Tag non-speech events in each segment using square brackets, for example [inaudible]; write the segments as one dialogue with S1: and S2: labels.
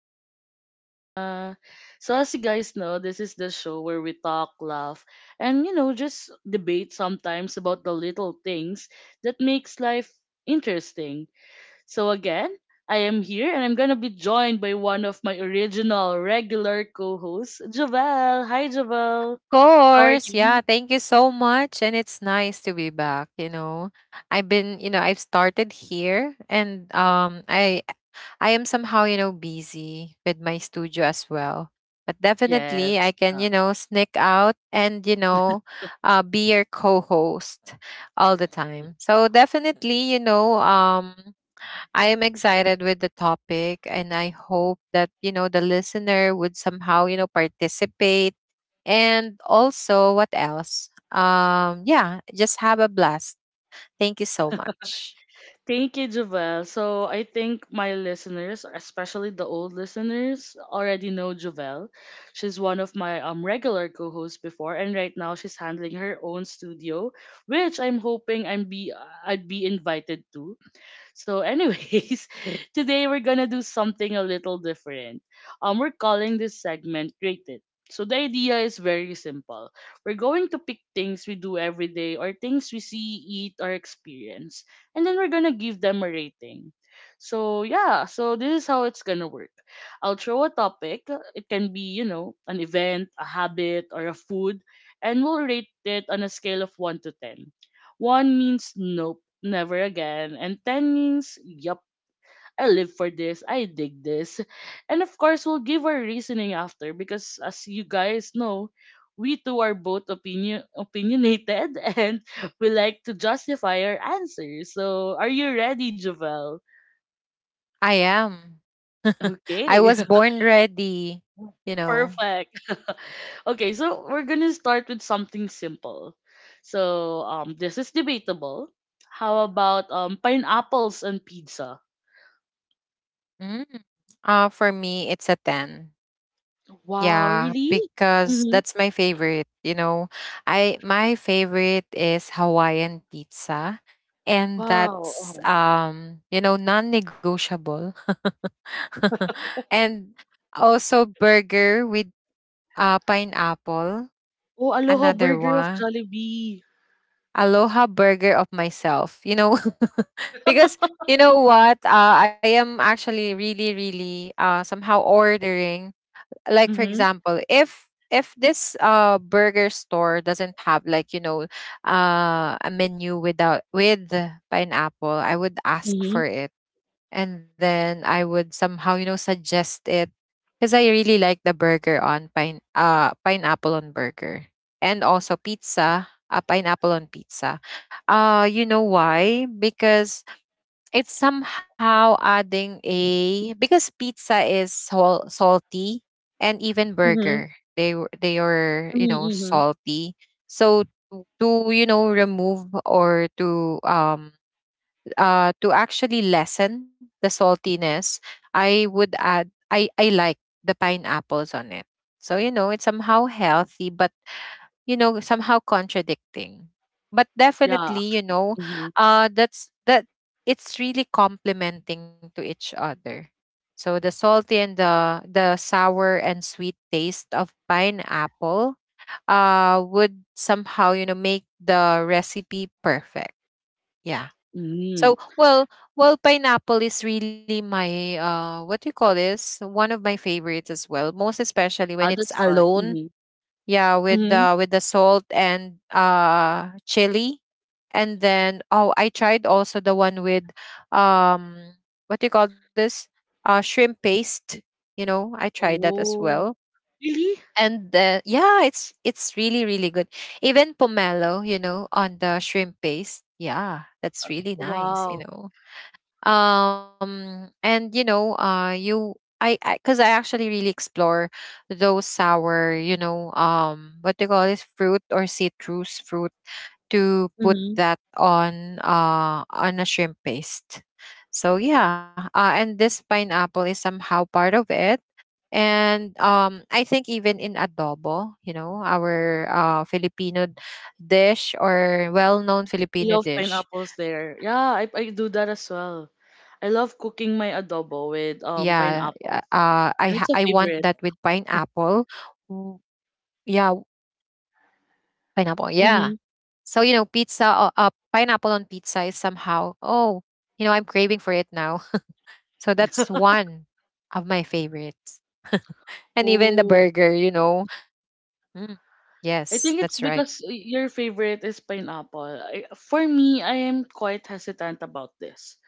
S1: truly, Rana. So as you guys know, this is the show where we talk, laugh, and just debate sometimes about the little things that makes life interesting. So again, I am here and I'm gonna be joined by one of my original regular co-hosts, Javel. Hi Javel. How are
S2: Course. Yeah,
S1: you?
S2: thank you so much. And it's nice to be back. I've been, you know, I've started here and I am somehow, busy with my studio as well. But definitely I
S1: Yes.
S2: can, sneak out and be your co-host all the
S1: Yeah.
S2: time. So definitely, I am excited with the topic, and I hope that, the listener would somehow, participate. And also, what else? Yeah, just have a blast. Thank you so much.
S1: Thank you, Jovel. So I think my listeners, especially the old listeners, already know Jovel. She's one of my regular co-hosts before, and right now she's handling her own studio, which I'm hoping I'd be invited to. So, anyways, [laughs] today we're gonna do something a little different. We're calling this segment Rate It. So the idea is very simple. We're going to pick things we do every day or things we see, eat, or experience, and then we're gonna give them a rating. So yeah, so this is how it's gonna work. I'll throw a topic. It can be, an event, a habit, or a food, and we'll rate it on a scale of 1 to 10. 1 means nope, never again. And tannings, yup, I live for this, I dig this. And of course, we'll give our reasoning after because as you guys know, we two are both opinionated [laughs] and we like to justify our answers. So, are you ready, Javel?
S2: I am. I
S1: Okay,
S2: was
S1: [laughs]
S2: born ready, you know.
S1: perfect. [laughs] Okay, so we're gonna start with something simple. So, this is debatable. How about pineapples and pizza?
S2: Mm. For me, it's a 10.
S1: Wow,
S2: Yeah,
S1: really?
S2: because
S1: Mm-hmm.
S2: that's my favorite. You know, I my favorite is Hawaiian pizza, and
S1: Wow.
S2: that's
S1: Oh,
S2: non-negotiable. [laughs] And also burger with pineapple,
S1: oh, Aloha
S2: another
S1: Burger of
S2: one.
S1: Jollibee.
S2: Aloha burger of myself. [laughs] Because you know what? I am actually really, really somehow ordering. Like, for
S1: Mm-hmm.
S2: example, if this burger store doesn't have, like, a menu without with pineapple, I would ask
S1: Mm-hmm.
S2: for it, and then I would somehow, suggest it, because I really like the burger on pineapple on burger, and also pizza a pineapple on pizza. Why? Because it's somehow adding a, because pizza is salty, and even
S1: Mm-hmm.
S2: burger, they are,
S1: Mm-hmm. Hmm.
S2: salty. So, to remove or to actually lessen the saltiness, I would add I like the pineapples on it. So, it's somehow healthy, but, somehow contradicting, but
S1: Yeah,
S2: definitely,
S1: actually. Mm-hmm.
S2: that's that it's really complementing to each other. So the salty and the sour and sweet taste of pineapple would somehow, make the recipe perfect. Yeah. So,
S1: Mm-hmm.
S2: well, pineapple is really my, what do you call this, one of my favorites as well, most especially when
S1: Ah,
S2: it's
S1: that's why.
S2: alone.
S1: Mm-hmm.
S2: Yeah, with
S1: Mm-hmm.
S2: the with the salt and chili. And then, oh, I tried also the one with, um what do you call this, shrimp paste. I tried that as well.
S1: Oh, really?
S2: And yeah, it's really really good. Even pomelo, on the shrimp paste. Yeah, that's really nice you
S1: Wow.
S2: know And you know you I because I, 'cause I actually really explore those sour, what they call this, fruit, or citrus fruit, to put
S1: Mm-hmm.
S2: that on a shrimp paste. So yeah, and this pineapple is somehow part of it. And I think even in adobo, our Filipino dish, or well-known
S1: I
S2: Filipino
S1: love
S2: dish.
S1: pineapples there. Yeah, I
S2: Yeah,
S1: do that
S2: yeah,
S1: as
S2: uh,
S1: well.
S2: I ha- I
S1: I love
S2: want that
S1: cooking
S2: with
S1: my adobo with
S2: pineapple. W-
S1: pineapples. And it's a
S2: Yeah,
S1: favorite.
S2: pineapple. Yeah. So, pizza.
S1: Mm-hmm.
S2: Pineapple on pizza is somehow. Oh, I'm craving for it now. [laughs] So that's one of
S1: [laughs]
S2: my favorites. [laughs] And even the burger, you
S1: Oh,
S2: know. Mm, yes, that's
S1: I
S2: right.
S1: think it's because your favorite is pineapple. For me, I am quite hesitant about this.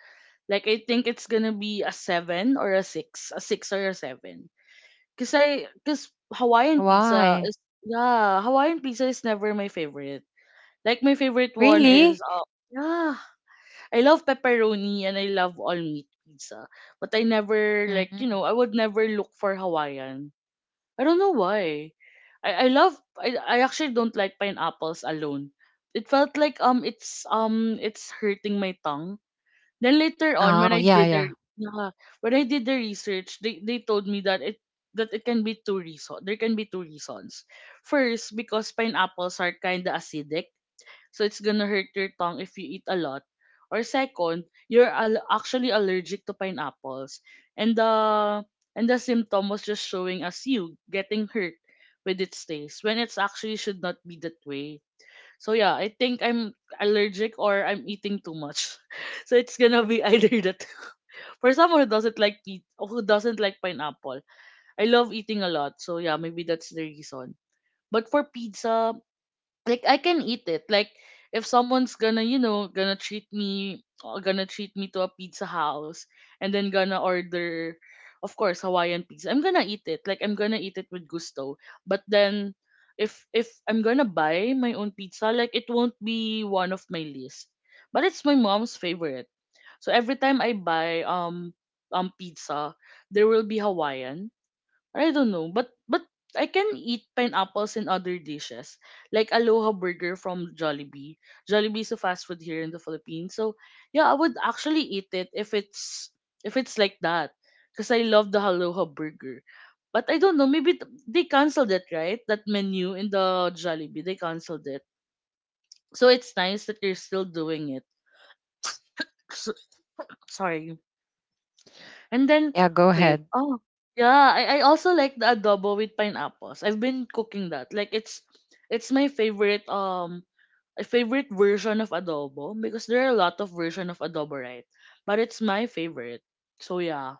S1: Like I think it's gonna be a seven or a six or a seven. Cause Hawaiian pizza
S2: Why?
S1: is, yeah, Hawaiian pizza is never my favorite. Like my favorite one is,
S2: Really?
S1: yeah, I love pepperoni and I love all meat pizza, but I never like,
S2: Mm.
S1: I would never look for Hawaiian. I don't know why. I actually don't like pineapples alone. It felt like it's hurting my tongue. Then later on, when
S2: Oh,
S1: I
S2: yeah,
S1: did the
S2: yeah.
S1: yeah, when I did the research, they told me that it can be two reason there can be two reasons. First, because pineapples are kinda acidic so it's gonna hurt your tongue if you eat a lot. Or second, you're actually allergic to pineapples. And the symptom was just showing as you getting hurt with its taste when it's actually should not be that way. So yeah, I think I'm allergic or I'm eating too much. [laughs] So it's gonna be either that. [laughs] For someone who doesn't like who doesn't like pineapple, I love eating a lot. So yeah, maybe that's the reason. But for pizza, like I can eat it. Like if someone's gonna treat me to a pizza house and then gonna order, of course, Hawaiian pizza. I'm gonna eat it. Like I'm gonna eat it with gusto. But then if I'm gonna buy my own pizza, like it won't be one of my list. But it's my mom's favorite. So every time I buy pizza, there will be Hawaiian. I don't know, but I can eat pineapples in other dishes, like Aloha Burger from Jollibee. Jollibee is a fast food here in the Philippines, so yeah, I would actually eat it if it's like that, because I love the Aloha Burger. But I don't know, maybe they canceled it, right? That menu in the Jollibee, they canceled it. So it's nice that they are still doing it. So, sorry. And then
S2: Yeah, go
S1: wait,
S2: ahead.
S1: oh yeah, I also like the adobo with pineapples. I've been cooking that. Like it's my favorite a favorite version of adobo because there are a lot of version of adobo, right? But it's my favorite. So yeah.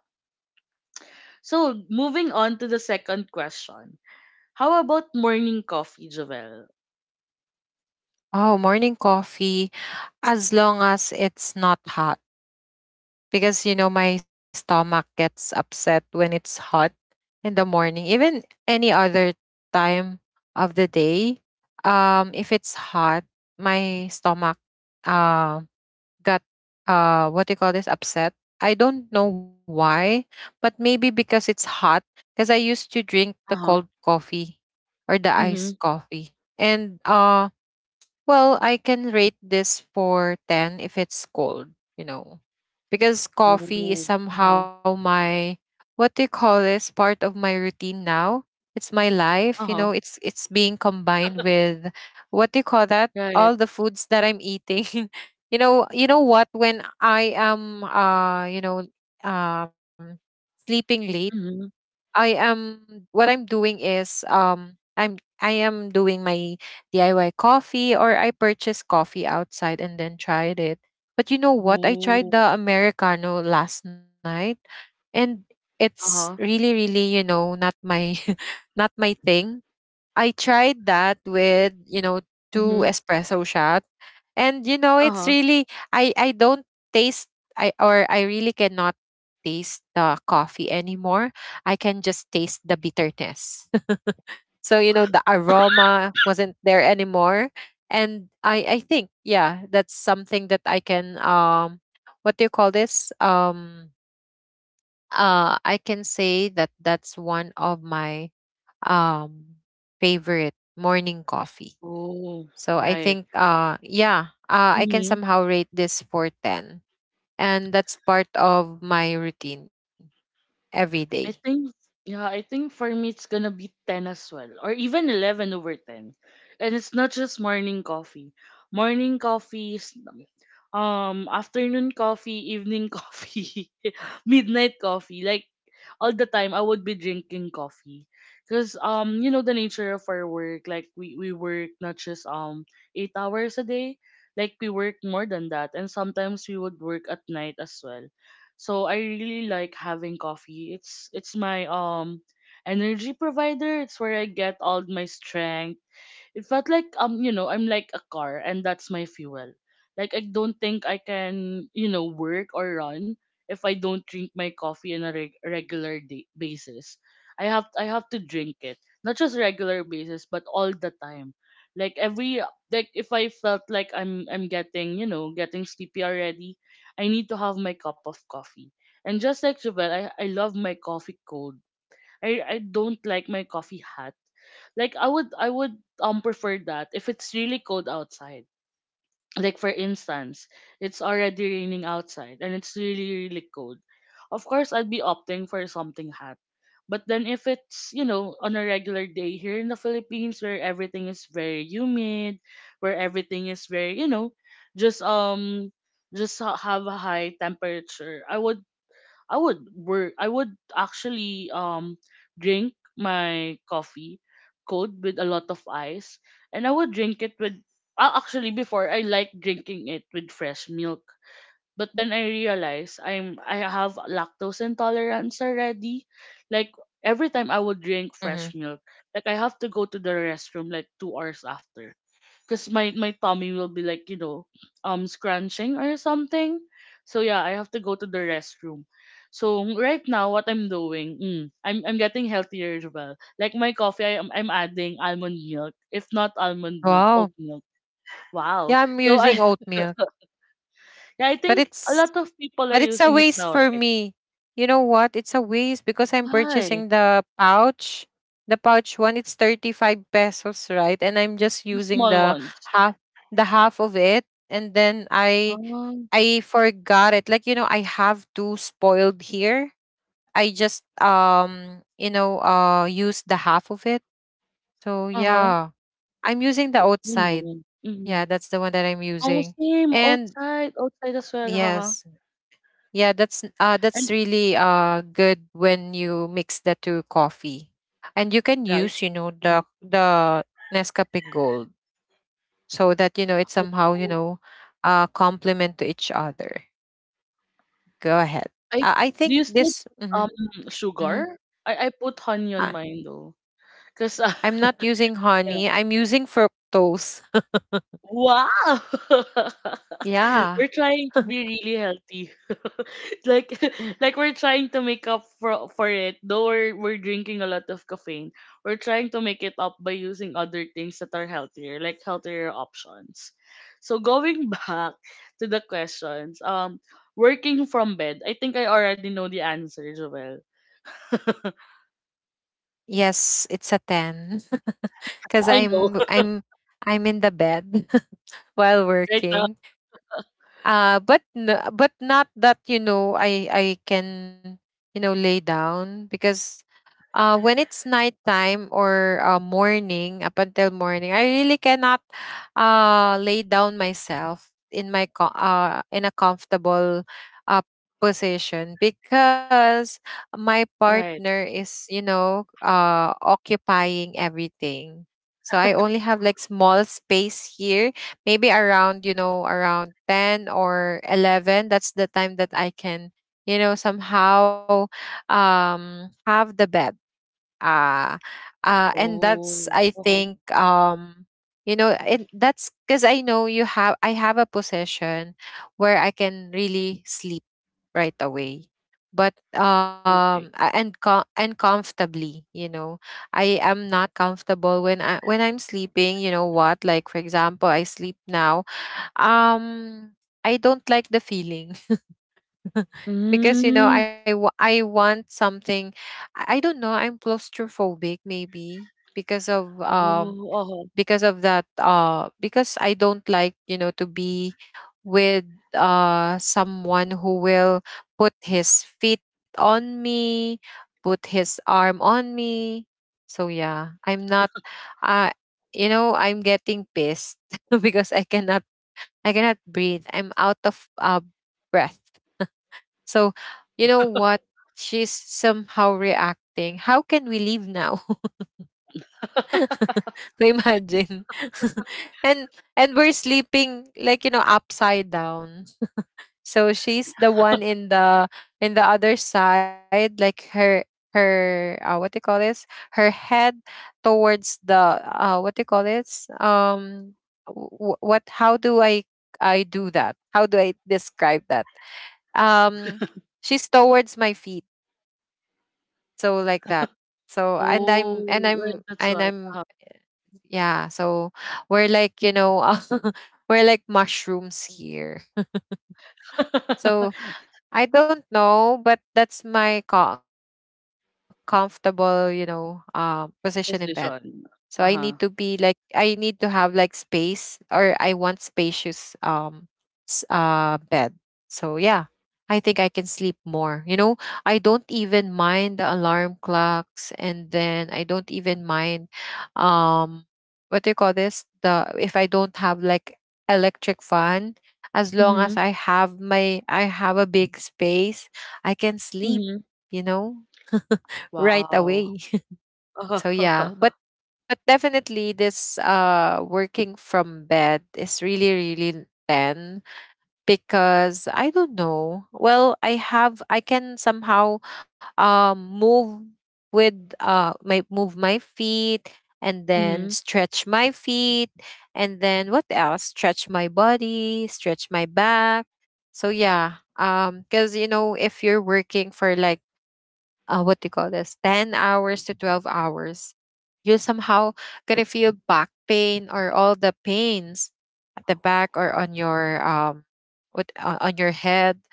S1: So moving on to the second question. How about morning coffee, Javel?
S2: Oh, morning coffee, as long as it's not hot, because my stomach gets upset when it's hot in the morning, even any other time of the day. If it's hot, my stomach uh got, what do you call this, upset. I don't know why, but maybe because it's hot, because I used to drink the cold
S1: Uh-huh.
S2: coffee or the iced
S1: Mm-hmm.
S2: coffee. And well, I can rate this for 10 if it's cold, because coffee is
S1: Ooh.
S2: somehow
S1: Uh-huh.
S2: my, what do you call this, part of my routine now. It's my life,
S1: Uh-huh.
S2: it's being combined with, what do you call that, all
S1: Right.
S2: the foods that I'm eating. [laughs] You know what, when I am, um sleeping late,
S1: Mm-hmm.
S2: I am what I'm doing is, I am doing my DIY coffee, or I purchase coffee outside and then tried it. But you know what? I tried
S1: Ooh.
S2: the Americano last night, and it's
S1: Uh-huh.
S2: really, really, not my, [laughs] not my thing. I tried that with, two
S1: Mm-hmm.
S2: espresso shot. And you know, it's
S1: Uh-huh.
S2: really, I don't taste I or I really cannot taste the coffee anymore. I can just taste the bitterness. [laughs] So, the aroma wasn't there anymore. And I think, yeah, that's something that I can, what do you call this, I can say that that's one of my, um favorite morning coffee.
S1: Oh.
S2: So I
S1: Right.
S2: think yeah, I can somehow rate this for 10, and that's part of my routine every day.
S1: I think, yeah, I think for me it's gonna be 10 as well, or even 11 over 10, and it's not just morning coffee. Morning coffee is, afternoon coffee, evening [laughs] coffee, midnight coffee. Like all the time I would be drinking coffee. Cause you know the nature of our work, like we work not just 8 hours a day, like we work more than that. And sometimes we would work at night as well. So I really like having coffee. It's my energy provider. It's where I get all my strength. It felt like, I'm like a car and that's my fuel. Like I don't think I can, work or run if I don't drink my coffee on a regular basis. I have to drink it. Not just regular basis, but all the time. Like every like if I felt like I'm getting sleepy already, I need to have my cup of coffee. And just like Jovel, I love my coffee cold. I don't like my coffee hot, like I would prefer that if it's really cold outside. Like for instance, it's already raining outside and it's really really cold. Of course, I'd be opting for something hot. But then if it's, on a regular day here in the Philippines where everything is very humid, where everything is very, just um just have a high temperature, I would work. I would actually drink my coffee cold with a lot of ice, and I would drink it with. Actually, before I like drinking it with fresh milk, but then I realized I have lactose intolerance already. Like every time I would drink
S2: Mm-hmm.
S1: fresh milk, like I have to go to the restroom like 2 hours after because my tummy will be like, scrunching or something. So yeah, I have to go to the restroom. So right now what I'm doing, I'm getting healthier as well. Like my coffee, I'm adding almond milk, if not almond milk,
S2: Wow.
S1: oat milk. Wow.
S2: Yeah, I'm
S1: So
S2: using
S1: I,
S2: oat
S1: [laughs]
S2: milk,
S1: yeah, I
S2: but
S1: think a lot of people are
S2: it's a
S1: using it
S2: waste
S1: now,
S2: for
S1: right?
S2: me. You know what? It's a waste, because I'm
S1: Why?
S2: purchasing the pouch. The pouch one, it's 35 pesos, right? And I'm just
S1: The
S2: using
S1: small ones.
S2: half the half of it, and then I
S1: Oh.
S2: I forgot it. Like, I have two spoiled here. I just, used the half of it. So
S1: Uh-huh.
S2: yeah. I'm using the
S1: You
S2: outside.
S1: know. Mm.
S2: Yeah, that's the one that I'm
S1: Oh,
S2: using.
S1: same.
S2: And
S1: Outside as well, haha.
S2: yes. Yeah, that's
S1: And
S2: really good when you mix the two coffee. And you can
S1: yeah, it,
S2: use, the Nescafe Gold, so that, it
S1: Oh,
S2: somehow, complement to each other. Go ahead.
S1: I
S2: I
S1: do
S2: think
S1: you still
S2: this.
S1: put,
S2: Mhm. Hmm.
S1: sugar? I put honey on
S2: I,
S1: mine though, cause,
S2: I'm not using
S1: [laughs] yeah.
S2: honey. I'm using fructose.
S1: Wow, [laughs]
S2: [laughs] Yeah.
S1: we're trying to be really healthy, [laughs] like [laughs] like we're trying to make up for it. Though we're drinking a lot of caffeine, we're trying to make it up by using other things that are healthier, like healthier options. So going [laughs] back to the questions, working from bed, I think I already know the answer, Joel. [laughs]
S2: Yes, it's a 10. [laughs] Cuz
S1: I know,
S2: I'm in the bed [laughs] while
S1: [laughs] right now.
S2: working. But but not that, I can, lay down, because, when it's nighttime or, morning up until morning, I really cannot, lay down myself in my, in a comfortable, uh, position, because my
S1: Right.
S2: partner is, occupying everything. So I only have like small space here, maybe around you know around 10 or 11. That's the time that I can, somehow, have the bed, uh, and that's,
S1: Oh,
S2: I
S1: uh-huh,
S2: think, you know it that's because I know, you have I have a possession where I can really sleep right away. But,
S1: okay.
S2: and comfortably, I am not comfortable when, I when I'm sleeping. You know what, like, for example, I sleep now, um I don't like the feeling. [laughs] Because,
S1: Mm.
S2: I want something. I don't know, I'm claustrophobic, maybe because of,
S1: Oh,
S2: that, because I don't like, to be with, someone who will put his feet on me, put his arm on me. So yeah, I'm not, uh I'm getting pissed [laughs] because I cannot breathe. I'm out of breath. So, you know what? She's somehow reacting. How can we leave now?
S1: uh-huh.
S2: [laughs]
S1: [laughs]
S2: So imagine. [laughs] and and we're sleeping like, upside down. So she's the one in the other side, like her, what do you call this, her head towards the, what do you call this, what, how do I do that? How do I describe that? Um she's towards my feet, so like that. So and i'm and
S1: Oh,
S2: i'm
S1: right,
S2: and
S1: that's why,
S2: i'm
S1: uh-huh.
S2: yeah. So we're like, [laughs] we're like mushrooms here. So
S1: [laughs]
S2: I don't know, but that's my, comfortable, position in bed. So I need
S1: Position,
S2: to
S1: uh-huh.
S2: have like space, or I want spacious, bed. So yeah, I think I can sleep more. I don't even mind the alarm clocks, and then I don't even mind, um what do you call this, The if I don't have like electric fan, as long as
S1: Mhm,
S2: I have a big space, I can sleep,
S1: mhm.
S2: you know, right away.
S1: Wow.
S2: [laughs] So yeah, but,
S1: [laughs]
S2: definitely, this, working from bed is really, really 10, because I don't know. Well, I can somehow, move with, my move my feet, and then
S1: Mhm,
S2: stretch my feet, and then what else? Stretch my body, stretch my back. So yeah, because, if you're working for like, what do you call this, 10 hours to 12 hours, you somehow gonna feel back pain, or all the pains at the back, or on your, what on your head,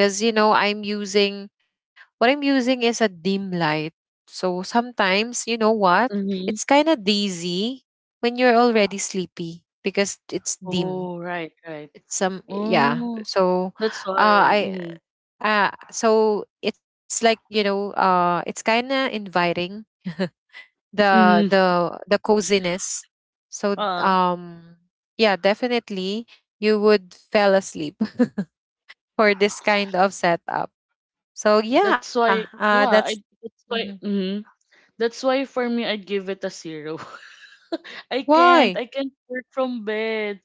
S2: because, you know I'm using what I'm using is a dim light. So sometimes, you know what, it's
S1: mhm.
S2: kind of dizzy when you're already sleepy, because it's dim.
S1: Oh, right, right.
S2: It's some Yeah.
S1: Oh,
S2: So
S1: that's why,
S2: I
S1: mhm,
S2: so it's like, it's kind of inviting [laughs] the
S1: mhm,
S2: the coziness. So
S1: uh-huh.
S2: yeah, definitely, you would fell asleep [laughs] for this kind of setup. So
S1: That's
S2: yeah,
S1: why,
S2: that's.
S1: yeah, I that's
S2: Mhm.
S1: why, mhm. That's why for me, I'd give it a 0. I
S2: Why?
S1: can't. I can't work from bed.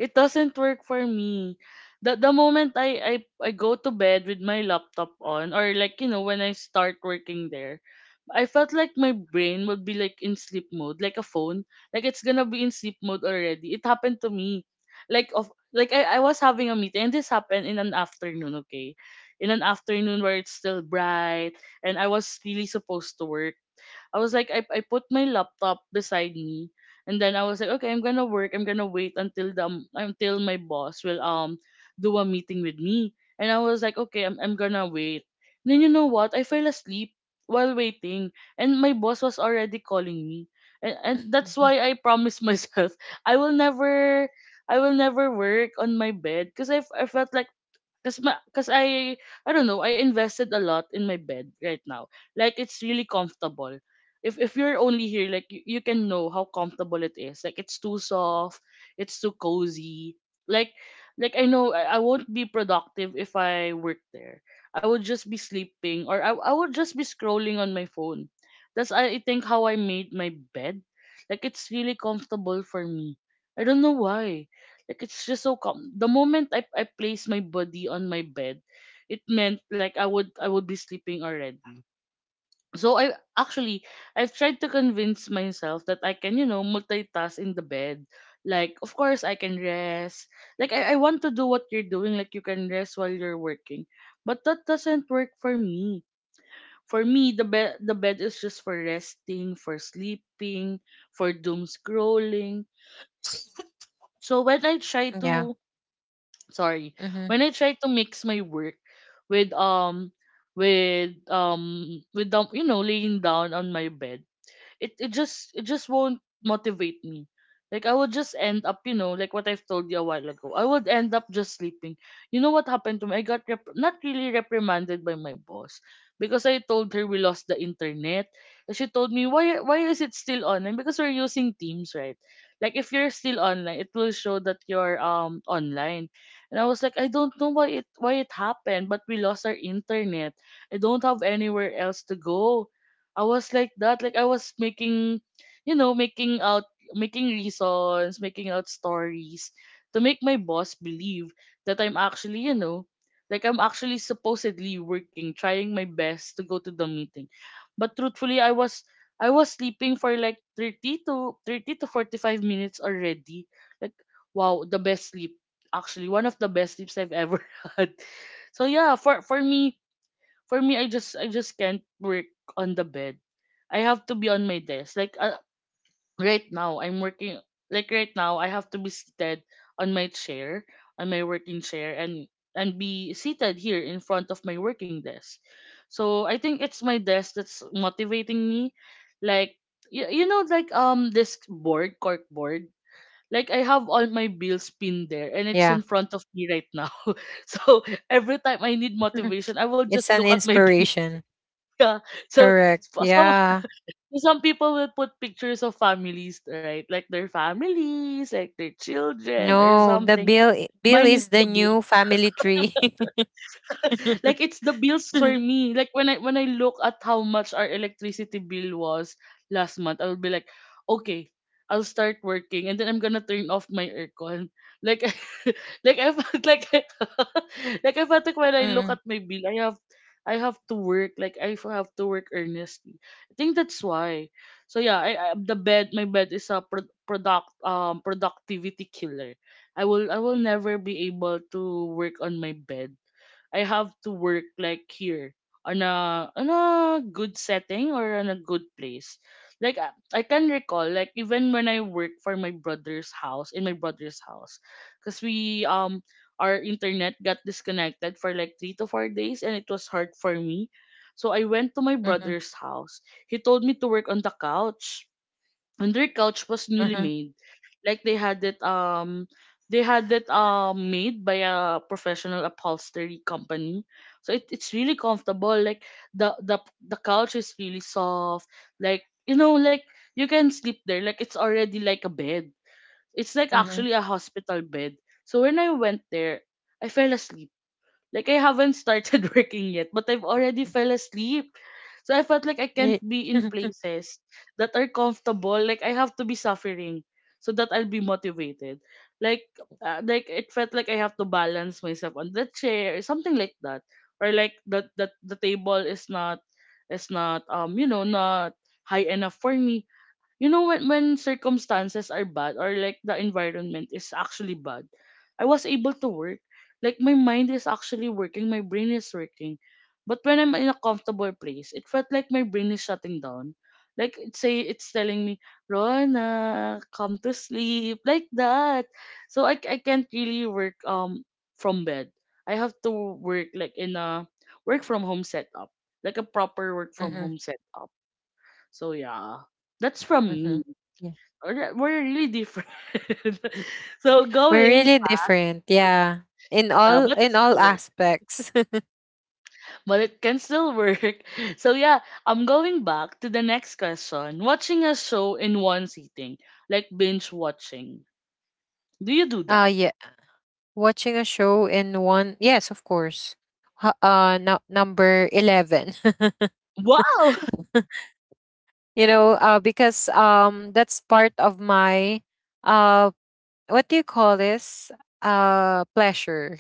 S1: It doesn't work for me. The moment I go to bed with my laptop on, or like, when I start working there, I felt like my brain would be like in sleep mode, like a phone. Like it's gonna be in sleep mode already. It happened to me. Like I was having a meeting and this happened in an afternoon, okay? In an afternoon where it's still bright and I was really supposed to work. I was like, I put my laptop beside me, and then I was like, okay, I'm gonna work. I'm gonna wait until my boss will do a meeting with me. And I was like, okay, I'm gonna wait. Then you know what? I fell asleep while waiting, and my boss was already calling me. And
S2: Mhm.
S1: that's why I promised [laughs] myself I will never, work on my bed, because I felt like. Cause, I don't know, I invested a lot in my bed right now. Like it's really comfortable. If you're only here, like you can know how comfortable it is. Like it's too soft, it's too cozy. Like like I know I won't be productive if I work there. I would just be sleeping or I would just be scrolling on my phone. That's I think how I made my bed. Like it's really comfortable for me. I don't know why. Like it's just so calm. The moment I place my body on my bed, it meant like I would be sleeping already. So I've tried to convince myself that I can, you know, multitask in the bed. Like of course I can rest. Like I want to do what you're doing, like you can rest while you're working. But that doesn't work for me. For me, the bed is just for resting, for sleeping, for doom scrolling. So when I try
S2: yeah
S1: to sorry,
S2: hmm
S1: when I try to mix my work with um with um with the laying down on my bed. It just won't motivate me. Like I would just end up, like what I've told you a while ago. I would end up just sleeping. You know what happened to me? I got not really reprimanded by my boss because I told her we lost the internet. And she told me, why is it still online? Because we're using Teams, right? Like if you're still online, it will show that you're online. And I was like, I don't know why it happened, but we lost our internet. I don't have anywhere else to go. I was like that. Like I was making, making out, making reasons, making out stories to make my boss believe that I'm actually, like I'm actually supposedly working, trying my best to go to the meeting. But truthfully, I was sleeping for like 30 to 30 to 45 minutes already. Like wow, the best sleep. Actually, one of the best sleeps I've ever [laughs] had. So yeah, for me I just can't work on the bed. I have to be on my desk, like, right now I'm working. Like right now I have to be seated on my chair, on my working chair, and be seated here in front of my working desk. So I think it's my desk that's motivating me. Like, like this board cork board, like I have all my bills pinned there,
S2: yeah.
S1: and it's in front of me right now. [laughs] So every time I need
S2: [laughs]
S1: motivation, I will
S2: It's an
S1: just look at my [laughs] bill,
S2: inspiration.
S1: yeah. So
S2: Correct,
S1: so some
S2: yeah.
S1: some people will put pictures of families, right? Like their families, like their children or
S2: No, the
S1: something.
S2: bill
S1: Mine is
S2: is the
S1: the.
S2: new family tree. [laughs]
S1: Like it's the bills for
S2: Mm-hmm.
S1: me. Like when I look at how much our electricity bill was last month, I'll be like, okay, I'll start working and then I'm gonna turn off my aircon. Like [laughs] like I felt like [laughs] like I felt like when I look at my bill, I have to work. Like I have to work earnestly. I think that's why. So yeah, I the bed my bed is a productivity killer. I will never be able to work on my bed. I have to work like here, on a good setting or on a good place. Like I can recall, like even when I work for my brother's house, in my brother's house, because we our internet got disconnected for like 3 to 4 days, and it was hard for me. So I went to my
S2: Mm-hmm.
S1: brother's house. He told me to work on the couch, and their couch was newly
S2: Mm-hmm.
S1: made, like they had it made by a professional upholstery company. So it's really comfortable, like the the the couch is really soft. Like you can sleep there. Like it's already like a bed. It's like
S2: Mm-hmm.
S1: actually a hospital bed. So when I went there, I fell asleep. Like I haven't started [laughs] working yet, but I've already fell asleep. So I felt like I
S2: Yeah.
S1: can't be in
S2: [laughs]
S1: places that are comfortable. Like I have to be suffering so that I'll be motivated. Like like it felt like I have to balance myself on the chair, something like that. Or like that the table is not, is not um you know not high enough for me. When circumstances are bad, or like the environment is actually bad, I was able to work. Like my mind is actually working, my brain is working. But when I'm in a comfortable place, it felt like my brain is shutting down. Like it's telling me, Rona, come to sleep, like that. So I can't really work from bed. I have to work, like, in a work from home setup, like a proper work
S2: Mhm.
S1: from home setup. So yeah, that's from
S2: Mhm.
S1: me. Alright, we're really different. [laughs] so
S2: We're
S1: going,
S2: really different, yeah. In
S1: yeah,
S2: all
S1: but
S2: in all
S1: still work.
S2: aspects.
S1: But it can still work. [laughs] So yeah, I'm going back to the next question. Watching a show in one sitting, like binge watching. Do you
S2: [laughs]
S1: do that?
S2: Yeah. Watching a show in one, yes, of course. No, number 11. [laughs]
S1: Wow. [laughs]
S2: You know, because that's part of my uh what do you call this, pleasure,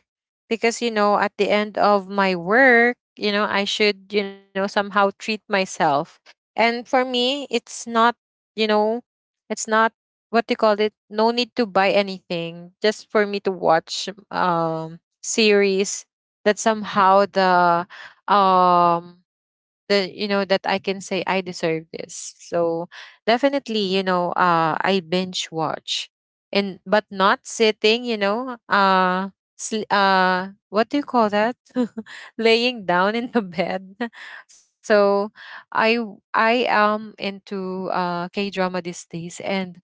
S2: because you know, at the end of my work, you know, I should, you know, somehow treat myself. And for me it's not, you know, it's not, what do you call it, no need to buy anything just for me to watch series that somehow the um the, you know, that I can say I deserve this. So definitely, you know, I binge watch. And but not sitting, you know, what do you call that, [laughs] laying down in the bed. [laughs] So I am into k drama these days, and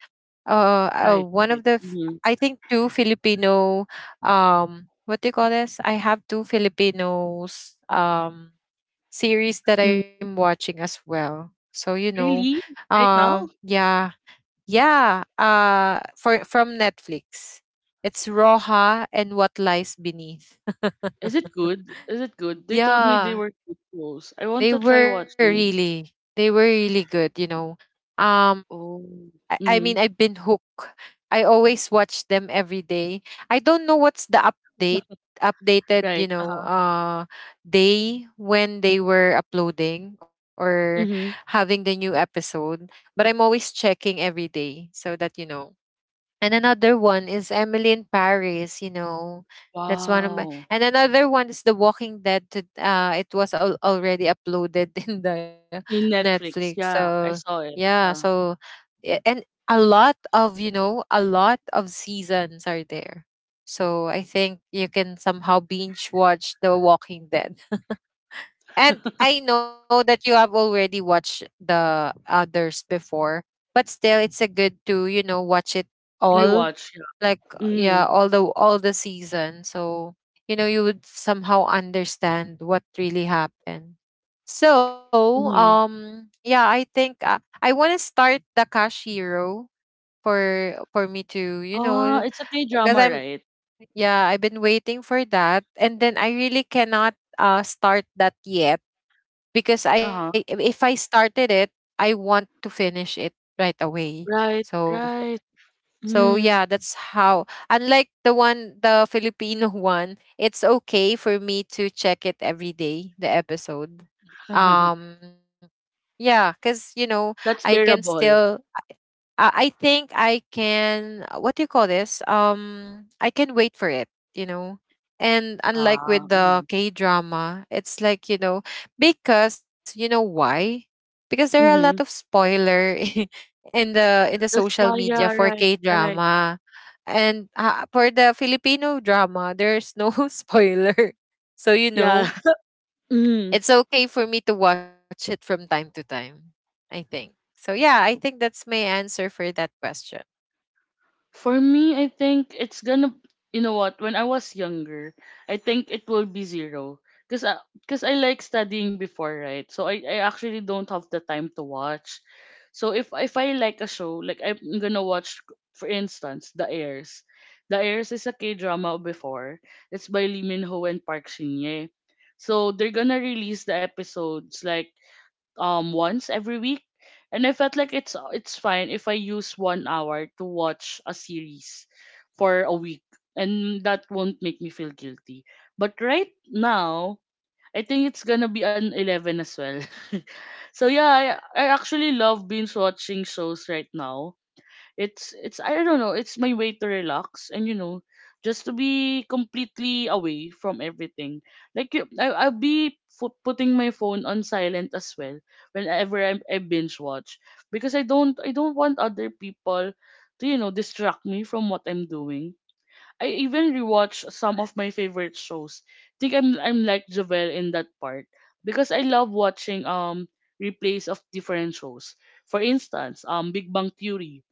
S2: uh,
S1: Right.
S2: one
S1: Right. Mhm.
S2: I think two Filipino what do you call this, I have two Filipinos, series that
S1: Hmm.
S2: I'm watching as well, so you know.
S1: Really? Right now?
S2: Yeah. Yeah, for from Netflix. It's Roja and What Lies Beneath.
S1: Is it good? Is it good? They told me they
S2: Yeah,
S1: were good shows. I want
S2: they
S1: to try
S2: were
S1: watching.
S2: really they were really good, you know. Um
S1: Oh.
S2: I mean
S1: Mm-hmm.
S2: I've been hooked. I always watch them every day. I don't know what's the update updated, you
S1: Right. Uh
S2: know,
S1: huh.
S2: day when they were uploading or
S1: Mm-hmm.
S2: having the new episode, but I'm always checking every day so that you know. And another one is Emily in Paris, you know. That's one of my,
S1: Wow.
S2: and another one is The Walking Dead. It was already uploaded [laughs] in the
S1: In
S2: Netflix.
S1: Netflix, yeah,
S2: So
S1: I saw it.
S2: yeah,
S1: Yeah.
S2: so and a lot of, you know, a lot of seasons are there. So I think you can somehow binge watch The Walking Dead.
S1: [laughs]
S2: And I know that you have already watched the others before, but still it's a good to, you know, watch it all.
S1: Rewatch,
S2: Like
S1: yeah.
S2: yeah,
S1: Mm.
S2: all the season. So, you know, you would somehow understand what really happened. So,
S1: Mm.
S2: yeah, I think I want to start the cash hero for me to, you
S1: Ah,
S2: know,
S1: it's a
S2: because
S1: K-drama,
S2: I'm,
S1: right?
S2: yeah, I've been waiting for that, and then I really cannot start that yet, because I,
S1: Uh-huh.
S2: if I started it, I want to finish it right away.
S1: Right,
S2: So,
S1: right.
S2: so yeah,
S1: Mm.
S2: that's how, unlike the one, the Filipino [laughs] one, it's okay for me to check it every day, the episode.
S1: [laughs]
S2: Um yeah, cuz you know, I
S1: That's
S2: can
S1: bearable.
S2: still I think I can what do you call this? I can wait for it, you know. And unlike
S1: Ah,
S2: with the
S1: mm.
S2: K drama, it's like, you know, because you know why? Because there are a lot of
S1: Hmm.
S2: spoiler [laughs] in the
S1: That's
S2: social
S1: why,
S2: media
S1: yeah,
S2: for
S1: right,
S2: K
S1: right.
S2: drama. And for the Filipino drama, there's no [laughs] spoiler. So you know,
S1: Yeah. [laughs] Mm.
S2: it's okay for me to watch it from time to time, I think. So yeah, I think that's my answer for that question.
S1: For me, I think it's gonna, you know what, when I was younger, I think it will be zero. Because I like studying before, right? So I actually don't have the time to watch. So if I like a show, like I'm gonna watch, for instance, The Heirs. The Heirs is a K drama before. It's by Lee Min Ho and Park Shin Ye. So they're gonna release the episodes like once every week, and I felt like it's fine if I use 1 hour to watch a series for a week, and that won't make me feel guilty. But right now I think it's gonna be an 11 as well. [laughs] So yeah, I actually love binge watching shows right now. It's I don't know, it's my way to relax, and just to be completely away from everything. Like I'll be putting my phone on silent as well whenever I binge watch, because I don't want other people to distract me from what I'm doing. I even rewatch some of my favorite shows. Think I'm like Javel in that part, because I love watching replays of different shows. For instance, Big Bang Theory,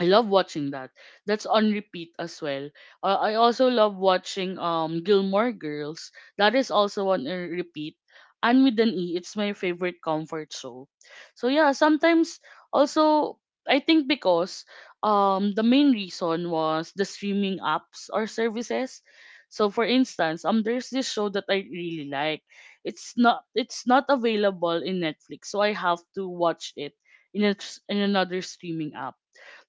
S1: I love watching that. That's on repeat as well. I also love watching Gilmore Girls. That is also on a repeat. And with an E, it's my favorite comfort show. So yeah, sometimes also, I think because the main reason was the streaming apps or services. So for instance, there's this show that I really like. It's not available in Netflix, so I have to watch it in a, in another streaming app.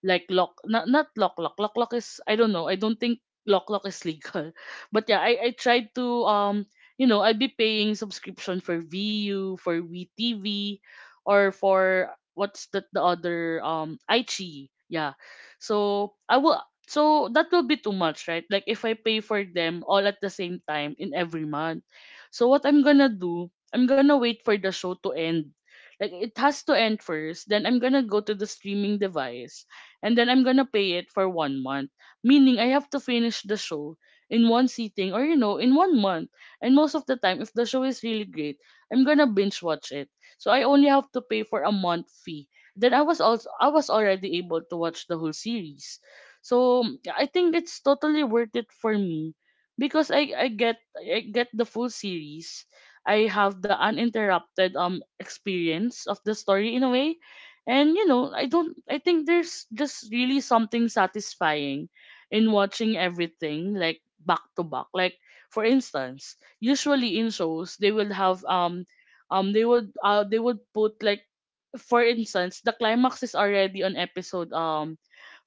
S1: Like lock, not lock lock is, I don't know, I don't think lock lock is legal, [laughs] but yeah, I tried to I'd be paying subscription for VU, for VTV, or for what's that, the other, iQIYI, yeah. So I will so that will be too much, right, like if I pay for them all at the same time, in every month. So what I'm gonna do, I'm gonna wait for the show to end, like it has to end first, then I'm gonna go to the streaming device, and then I'm gonna pay it for 1 month. Meaning I have to finish the show in one sitting, or in 1 month. And most of the time, if the show is really great, I'm gonna binge watch it. So I only have to pay for a month fee. Then I was already able to watch the whole series. So I think it's totally worth it for me, because I get the full series. I have the uninterrupted experience of the story in a way. And I don't I think there's just really something satisfying in watching everything, like, back to back. Like for instance, usually in shows they will have they would put, like, for instance, the climax is already on episode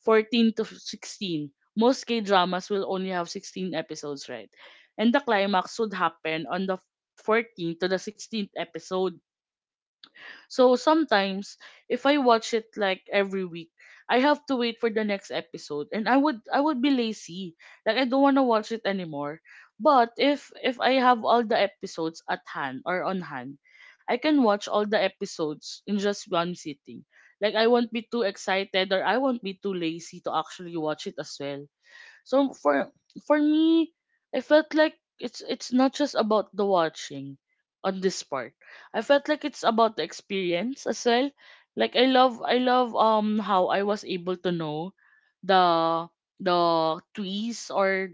S1: 14 to 16. Most K-dramas will only have 16 episodes, right? And the climax would happen on the 14th to the 16th episode. So sometimes if I watch it like every week, I have to wait for the next episode and I would be lazy. Like I don't want to watch it anymore. But if I have all the episodes at hand or on hand, I can watch all the episodes in just one sitting. Like I won't be too excited or I won't be too lazy to actually watch it as well. So for me, I felt like it's not just about the watching on this part. I felt like it's about the experience as well. Like I love how I was able to know the the trees or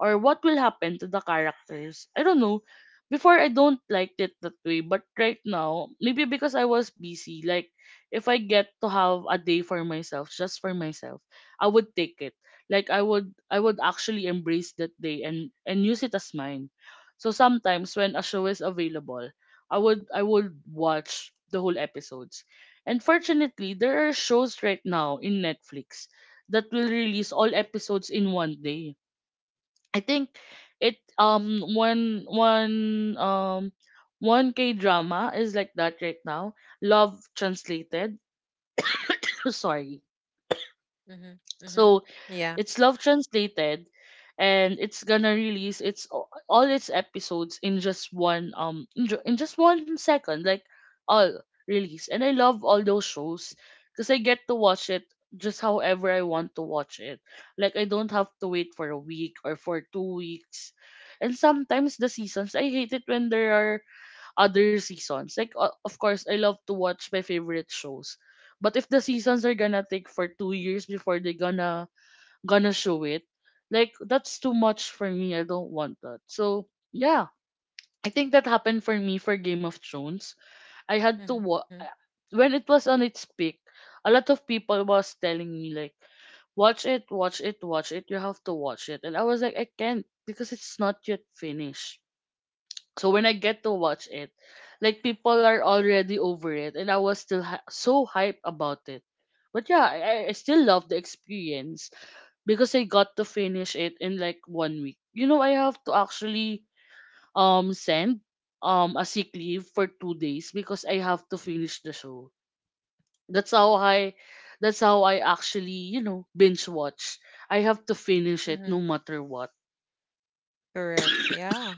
S1: or what will happen to the characters. I don't know. Before I don't liked it that way, but right now, maybe because I was busy, like if I get to have a day for myself, just for myself, I would take it, like I would actually embrace that day and use it as mine. So sometimes when a show is available, I would watch the whole episodes. And fortunately, there are shows right now in Netflix that will release all episodes in 1 day. I think it one one one k drama is like that right now. Love Translated. [coughs] Sorry.
S2: Mhm. Mhm.
S1: So
S2: Yeah.
S1: it's Love Translated, and it's gonna release its all its episodes in just 1 second, like, all release. And I love all those shows because I get to watch it just however I want to watch it. Like I don't have to wait for a week or for 2 weeks. And sometimes the seasons, I hate it when there are other seasons. Like, of course, I love to watch my favorite shows. But if the seasons are gonna take for 2 years before they gonna show it. Like, that's too much for me. I don't want that. So yeah, I think that happened for me for Game of Thrones. I had to watch
S2: Mhm.
S1: when it was on its peak. A lot of people was telling me like, watch it, watch it, watch it. You have to watch it, and I was like, I can't because it's not yet finished. So when I get to watch it, like, people are already over it, and I was still so hype about it. But yeah, I still love the experience because I got to finish it in like 1 week. You know, I have to actually send a sick leave for 2 days because I have to finish the show. That's how I that's how I actually, binge watch. I have to finish it no
S2: Mhm.
S1: matter what.
S2: Correct. Yeah.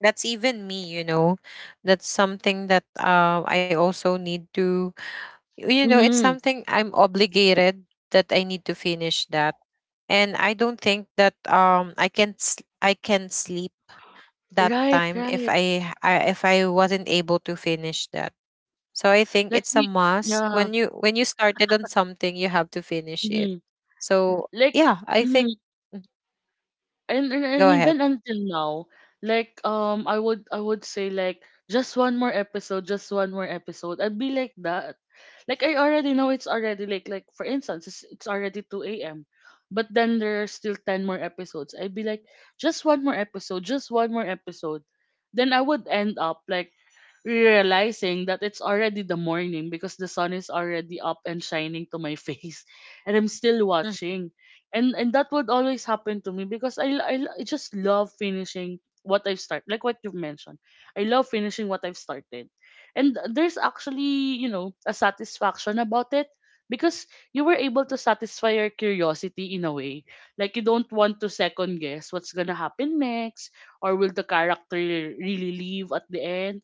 S2: That's even me, you know. That's something that I also need to, you know, it's
S1: Mm-hmm.
S2: something I'm obligated that I need to finish that. And I don't think that I I can sleep that
S1: Right,
S2: time if
S1: right.
S2: I, I if I wasn't able to finish that. So I think it's
S1: Like,
S2: a
S1: we
S2: must, when
S1: yeah.
S2: you, when you started on something you have to finish it.
S1: Mm-hmm.
S2: So
S1: Like,
S2: yeah, I
S1: mhm.
S2: think. Mhm.
S1: And
S2: Go ahead.
S1: even until now, like, I would say, like, just one more episode, just one more episode, I'd be like that. Like, I already know it's already, like for instance, it's already 2 a.m., but then there are still 10 more episodes. I'd be like, just one more episode, just one more episode. Then I would end up like realizing that it's already the morning because the sun is already up and shining to my [laughs] face, and I'm still
S2: Mm-hmm.
S1: watching. And that would always happen to me because I just love finishing what I've started. Like what you've mentioned. I love finishing what I've started. And there's actually, a satisfaction about it because you were able to satisfy your curiosity in a way. Like, you don't want to second guess what's gonna happen next, or will the character really leave at the end.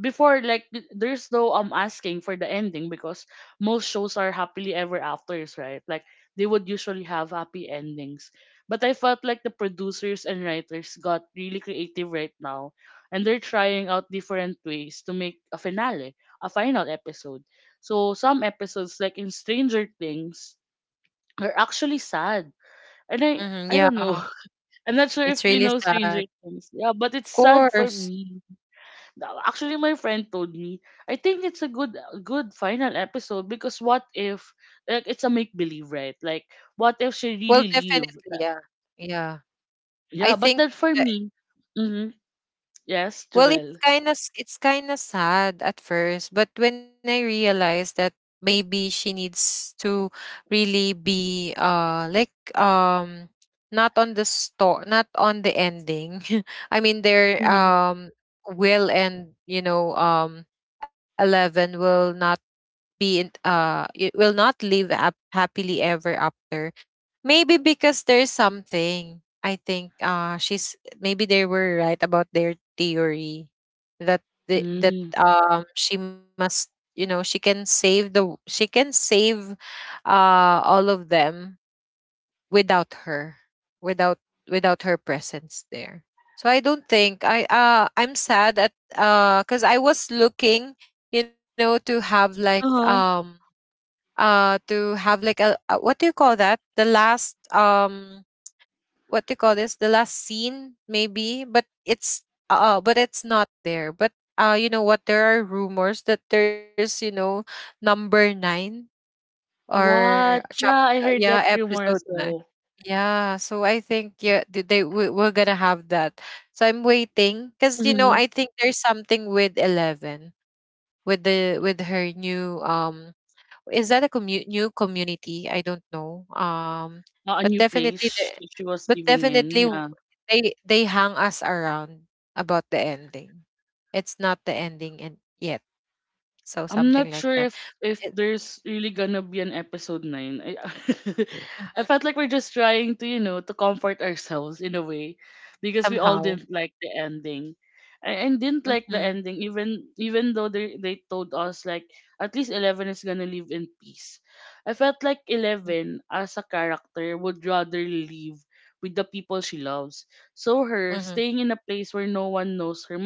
S1: Before, like, there's no asking for the ending because most shows are happily ever afters, right? Like, they would usually have happy endings. But I felt like the producers and writers got really creative right now, and they're trying out different ways to make a finale, a final episode. So some episodes, like in Stranger Things, are actually sad, and i
S2: Mm-hmm.
S1: i don't
S2: Yeah,
S1: know. [laughs] I'm not sure if
S2: it's
S1: you
S2: really
S1: know Stranger
S2: sad.
S1: Things. Yeah, but it's
S2: Of
S1: sad for
S2: course.
S1: me now. Actually, my friend told me, I think it's a good final episode because what if, like, it's a make believe, right? Like what if she
S2: Well,
S1: really leave?
S2: definitely, yeah. Yeah. I
S1: Yeah, but
S2: think
S1: then for
S2: uh,
S1: me, mm-hmm, yes,
S2: well, it's
S1: Jovel.
S2: kind of sad at first, but when I realized that maybe she needs to really be like not on the store, not on the ending. [laughs] I mean, their
S1: Mm-hmm.
S2: will, and you know 11 will not be in it will not live up happily ever after. Maybe because there's something, I think she's, maybe they were right about their theory, that that
S1: Mm-hmm.
S2: she must, you know, she can save all of them without her, without, without her presence there. So I don't think I I'm sad at cuz I was looking, you know,
S1: Uh-huh.
S2: to have like a, what do you call that, the last what they call this, the last scene maybe, but it's not there. But you know what, there are rumors that there's, you know, number nine or
S1: What?
S2: chap,
S1: Yeah, I heard
S2: yeah,
S1: that rumor
S2: episode
S1: as
S2: nine.
S1: well.
S2: Yeah, so I think, yeah, we're gonna have that. So I'm waiting, because you know,
S1: Mm-hmm.
S2: I think there's something with 11, with the, with her new is that a commu, new community? I don't know.
S1: A
S2: But
S1: new
S2: definitely the,
S1: place she was
S2: but
S1: living
S2: definitely
S1: in. Yeah.
S2: they hang us around about the ending. It's not the ending and yet. So something
S1: I'm
S2: like
S1: not
S2: that.
S1: sure if
S2: It,
S1: if there's really gonna be an episode 9. I
S2: mhm,
S1: [laughs] I felt like we're just trying to comfort ourselves in a way, because we all
S2: somehow.
S1: didn't like the ending, and didn't like the
S2: Mhm.
S1: ending, even though they told us, like, at least Eleven is gonna live in peace. I felt like
S2: Mm.
S1: Eleven as a character would rather live with the people she loves. So her
S2: Mhm.
S1: staying in a place where no one knows her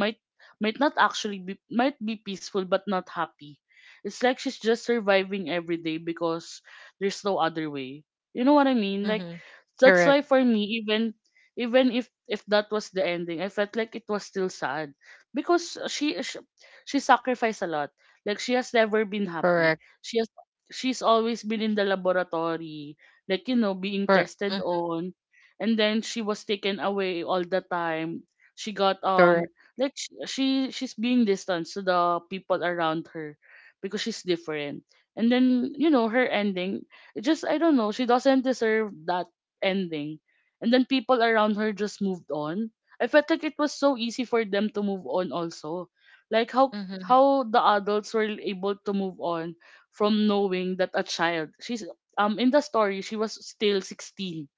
S1: might not actually be, might be peaceful but not happy. It's like she's just surviving every day because there's no other way. You know what I mean? Like,
S2: Mhm.
S1: that's
S2: Correct.
S1: why for me, even if that was the ending, I felt like it was still sad because she sacrificed a lot. Like, she has never been
S2: Correct.
S1: happy. She has she's always been in the laboratory, like, being tested
S2: Mhm.
S1: on, and then she was taken away all the time. She got
S2: Correct.
S1: like, she's being distant to the people around her because she's different. And then, her ending, it just, I don't know, she doesn't deserve that ending. And then people around her just moved on. I felt like it was so easy for them to move on also, like how
S2: Mhm.
S1: how the adults were able to move on from knowing that a child, she's in the story she was still 16.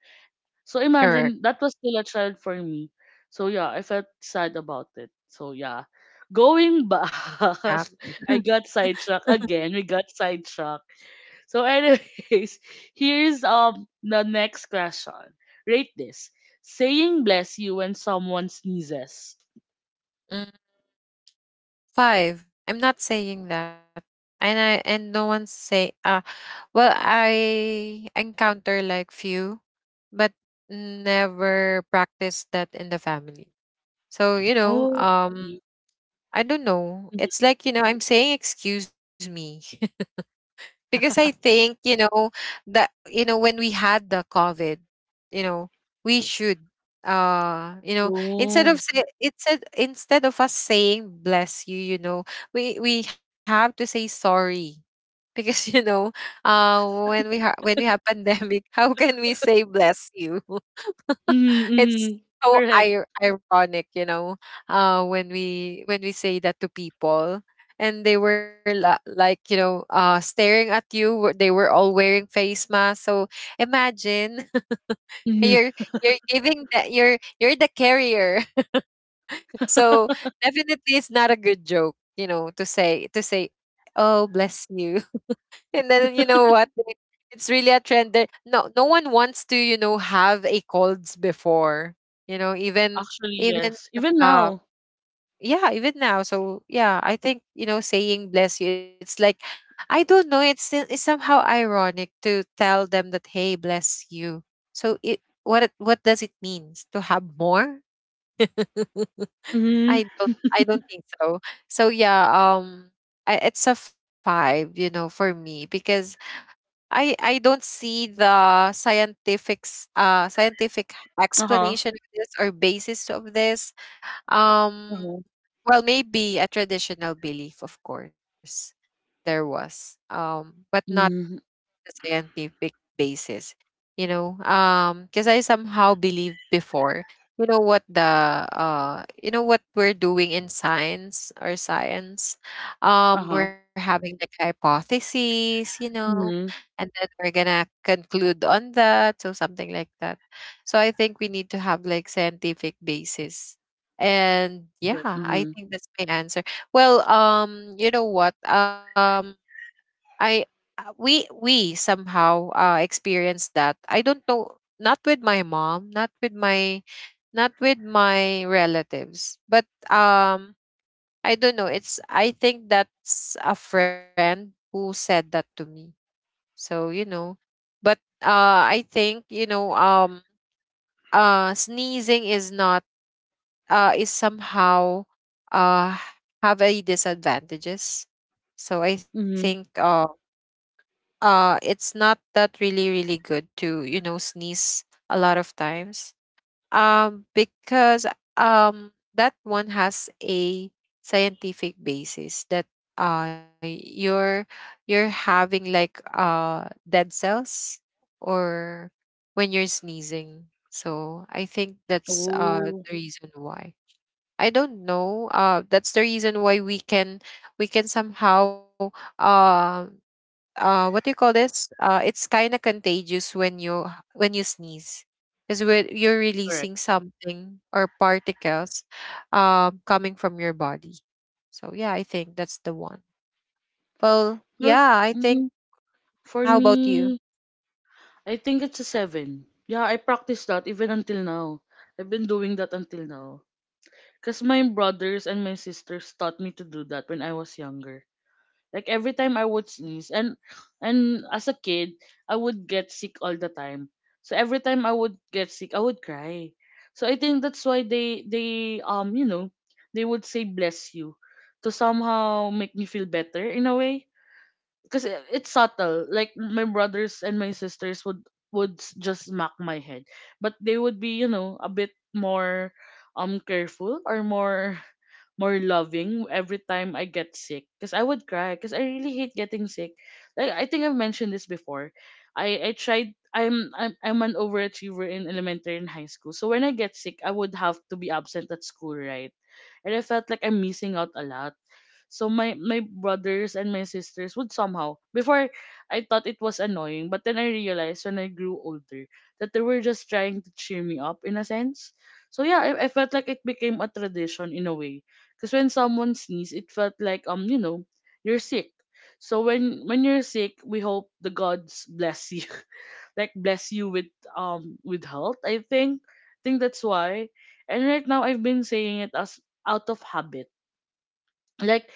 S1: So
S2: Correct.
S1: imagine, that was still a child for me. So yeah, I felt sad about it. So yeah. Going back, [laughs]
S2: Yeah.
S1: I got sidetracked again. We got sidetracked. So anyways, [laughs] here's the next question. Rate this. Saying bless you when someone sneezes.
S2: Mm. Five. I'm not saying that. And I, and no one say well, I encounter like few, but never practice that in the family. So, you know,
S1: Oh. Okay.
S2: I don't know. It's like, you know, I'm saying excuse me, because I think
S1: [laughs]
S2: you know that, you know, when we had the COVID, you know, we should you know, instead of
S1: Oh.
S2: say instead instead of us saying bless you, you know, we have to say sorry, because [laughs] you know, uh when we have pandemic, [laughs] how can we say bless you? [laughs] It's
S1: Mm-hmm.
S2: so
S1: Correct.
S2: ironic, you know, when we say that to people, and they were like, you know, staring at you. They were all wearing face masks. So imagine [laughs]
S1: Hmm.
S2: you're you're giving that you're the carrier. [laughs] So definitely, it's not a good joke, you know, to say, to say, "Oh, bless you." And then you know what,
S1: [laughs]
S2: they, it's really a trend that no, no one wants to, you know, have a colds before, you know, even,
S1: Actually,
S2: even
S1: yes. Even
S2: uh
S1: now.
S2: yeah, even now. So yeah, I think, you know, saying bless you, it's like, I don't know, it's, it's somehow ironic to tell them that, hey, bless you. So it, what does it means to have more? [laughs]
S1: Mm-hmm.
S2: I don't, I don't think so. So yeah, um I, it's a five, you know, for me, because I don't see the scientific scientific
S1: Uh-huh.
S2: explanation of this, or basis of this. Um well, maybe a traditional belief, of course there was. But not
S1: Uh-huh.
S2: the scientific basis, you know, because I somehow believed before, you know what, the you know what we're doing in science, or science,
S1: Uh-huh.
S2: we're having like hypotheses, you know,
S1: Mhm.
S2: and then we're gonna conclude on that, so something like that. So I think we need to have like scientific basis, and yeah,
S1: Correct.
S2: I
S1: Mhm.
S2: think that's my answer. Well, you know what, I, we somehow experienced that. I don't know, not with my mom, not with my, not with my relatives, but I don't know. It's, I think that's a friend who said that to me. So you know, but I think you know, sneezing is not is somehow uh have a disadvantages. So I think
S1: Mhm.
S2: it's not that really really good to, you know, sneeze a lot of times, because that one has a scientific basis, that uh you're you're having like dead cells, or when you're sneezing. So I think that's
S1: Oh,
S2: the reason why. I don't know, that's the reason why we can, we can somehow um what do you call this, it's kind of contagious when you, when you sneeze, because you're
S1: correct.
S2: releasing something, or particles coming from your body. So yeah, I think that's the one. Well,
S1: Well,
S2: yeah, I think,
S1: mhm. For
S2: how about
S1: me,
S2: you?
S1: I think it's a seven. Yeah, I practice that even until now. I've been doing that until now. Because my brothers and my sisters taught me to do that when I was younger. Like, every time I would sneeze, and as a kid, I would get sick all the time. So every time I would get sick, I would cry. So I think that's why they would say bless you to somehow make me feel better in a way because it's subtle. Like, my brothers and my sisters would just smack my head, but they would be a bit more careful, or more loving every time I get sick because I would cry because I really hate getting sick. Like, I think I've mentioned this before. I tried I'm an overachiever in elementary and high school. So when I get sick, I would have to be absent at school, right? And I felt like I'm missing out a lot. So my brothers and my sisters would somehow. Before, I thought it was annoying, but then I realized when I grew older that they were just trying to cheer me up in a sense. So yeah, I felt like it became a tradition in a way. Because when someone sneezed, it felt like, you're sick. So when you're sick, we hope the gods bless you, [laughs] like, bless you with health. I think that's why. And right now, I've been saying it as out of habit, like,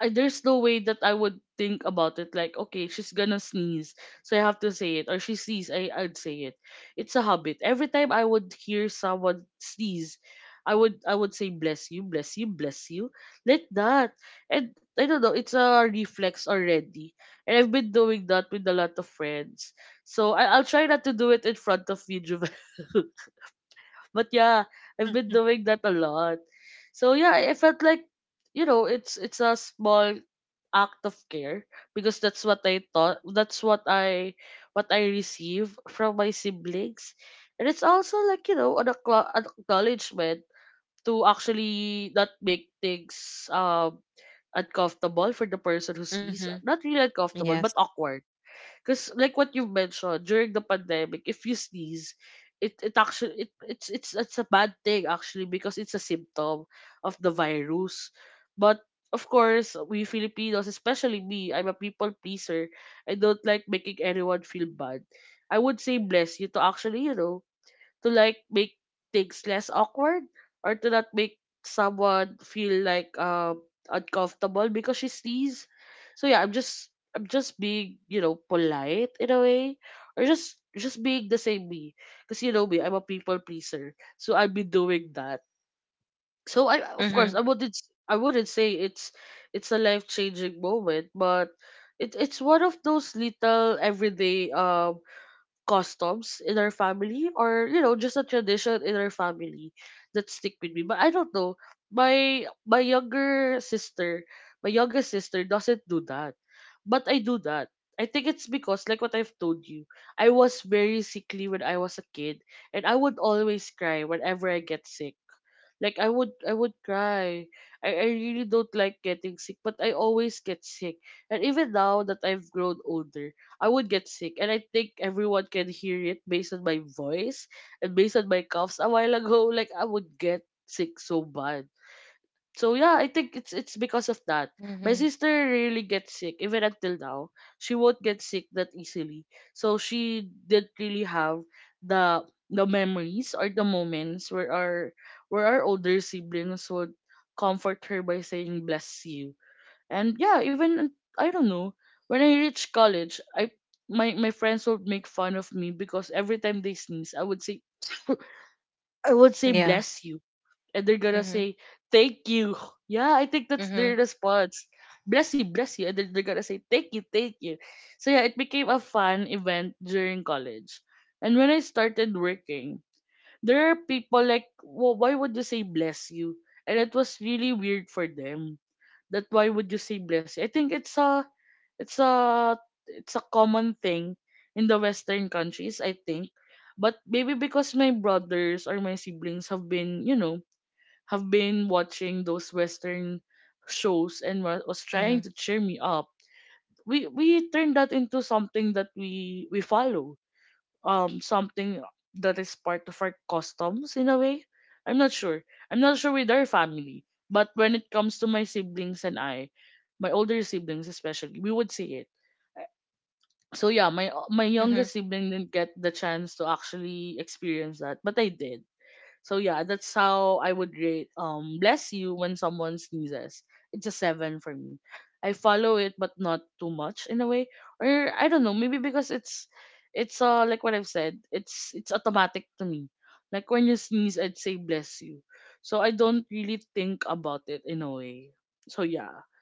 S1: there's no way that I would think about it, like, okay, she's gonna sneeze, so I have to say it, or she sneeze, I'd say it. It's a habit. Every time I would hear someone sneeze, I would say bless you, bless you, bless you, like that. And I don't know, it's a reflex already. And I've been doing that with a lot of friends. So I'll try not to do it in front of you, Jovel. [laughs] But yeah, I've been
S2: Mm-hmm.
S1: doing that a lot. So yeah, I felt like it's a small act of care, because that's what I thought, that's what I receive from my siblings. And it's also like an, an acknowledgement to actually not make things uncomfortable for the person who sees,
S2: Mm-hmm.
S1: not really uncomfortable but
S2: Yes.
S1: awkward. Because like what you've mentioned, during the pandemic, if you sneeze, it's a bad thing actually, because it's a symptom of the virus. But of course, we Filipinos, especially me, I'm a people pleaser. I don't like making anyone feel bad. I would say bless you to actually to like make things less awkward, or to not make someone feel like uncomfortable because she sneezed. So yeah, I'm just being polite in a way. Or just being the same me. Because you know me, I'm a people pleaser. So I've been doing that. So I of course I
S2: Mm-hmm.
S1: wouldn't s- I wouldn't say it's a life changing moment, but it's one of those little everyday customs in our family, or just a tradition in our family that stick with me. But I don't know, my younger sister my youngest sister doesn't do that. But I do that. I think it's because, like what I've told you, I was very sickly when I was a kid, and I would always cry whenever I get sick. Like I would cry. I really don't like getting sick, but I always get sick. And even now that I've grown older, I would get sick. And I think everyone can hear it based on my voice and based on my coughs a while ago, [laughs] like I would get sick so bad. So yeah, I think it's because of that. My
S2: Mm-hmm.
S1: sister really gets sick even until now. She won't get sick that easily. So she didn't really have the memories or the moments where our older siblings would comfort her by saying bless you. And yeah, even I don't know, when I reached college, I my my friends would make fun of me, because every time they sneeze, I would say [laughs] [coughs] I would say
S2: Yeah.
S1: bless you, and they're gonna
S2: Mm-hmm.
S1: say thank you. Yeah, I think that's their
S2: Mm-hmm.
S1: response. Bless you, and then they're gonna say thank you, thank you. So yeah, it became a fun event during college. And when I started working, there are people like, well, why would you say bless you? And it was really weird for them. That why would you say bless you? I think it's a it's a it's a common thing in the Western countries, I think. But maybe because my brothers or my siblings have been, watching those Western shows and was trying
S2: Mm-hmm.
S1: to cheer me up. We turned that into something that we follow. Something that is part of our customs in a way. I'm not sure. I'm not sure with our family, but when it comes to my siblings and I, my older siblings especially, we would see it. So yeah, my
S2: Mm-hmm.
S1: youngest sibling didn't get the chance to actually experience that, but I did. So yeah, that's how I would rate bless you when someone sneezes. It's a seven for me. I follow it but not too much in a way. Or I don't know, maybe because it's like what I've said, it's automatic to me. Like when you sneeze, I'd say bless you. So I don't really think about it in a way. So yeah.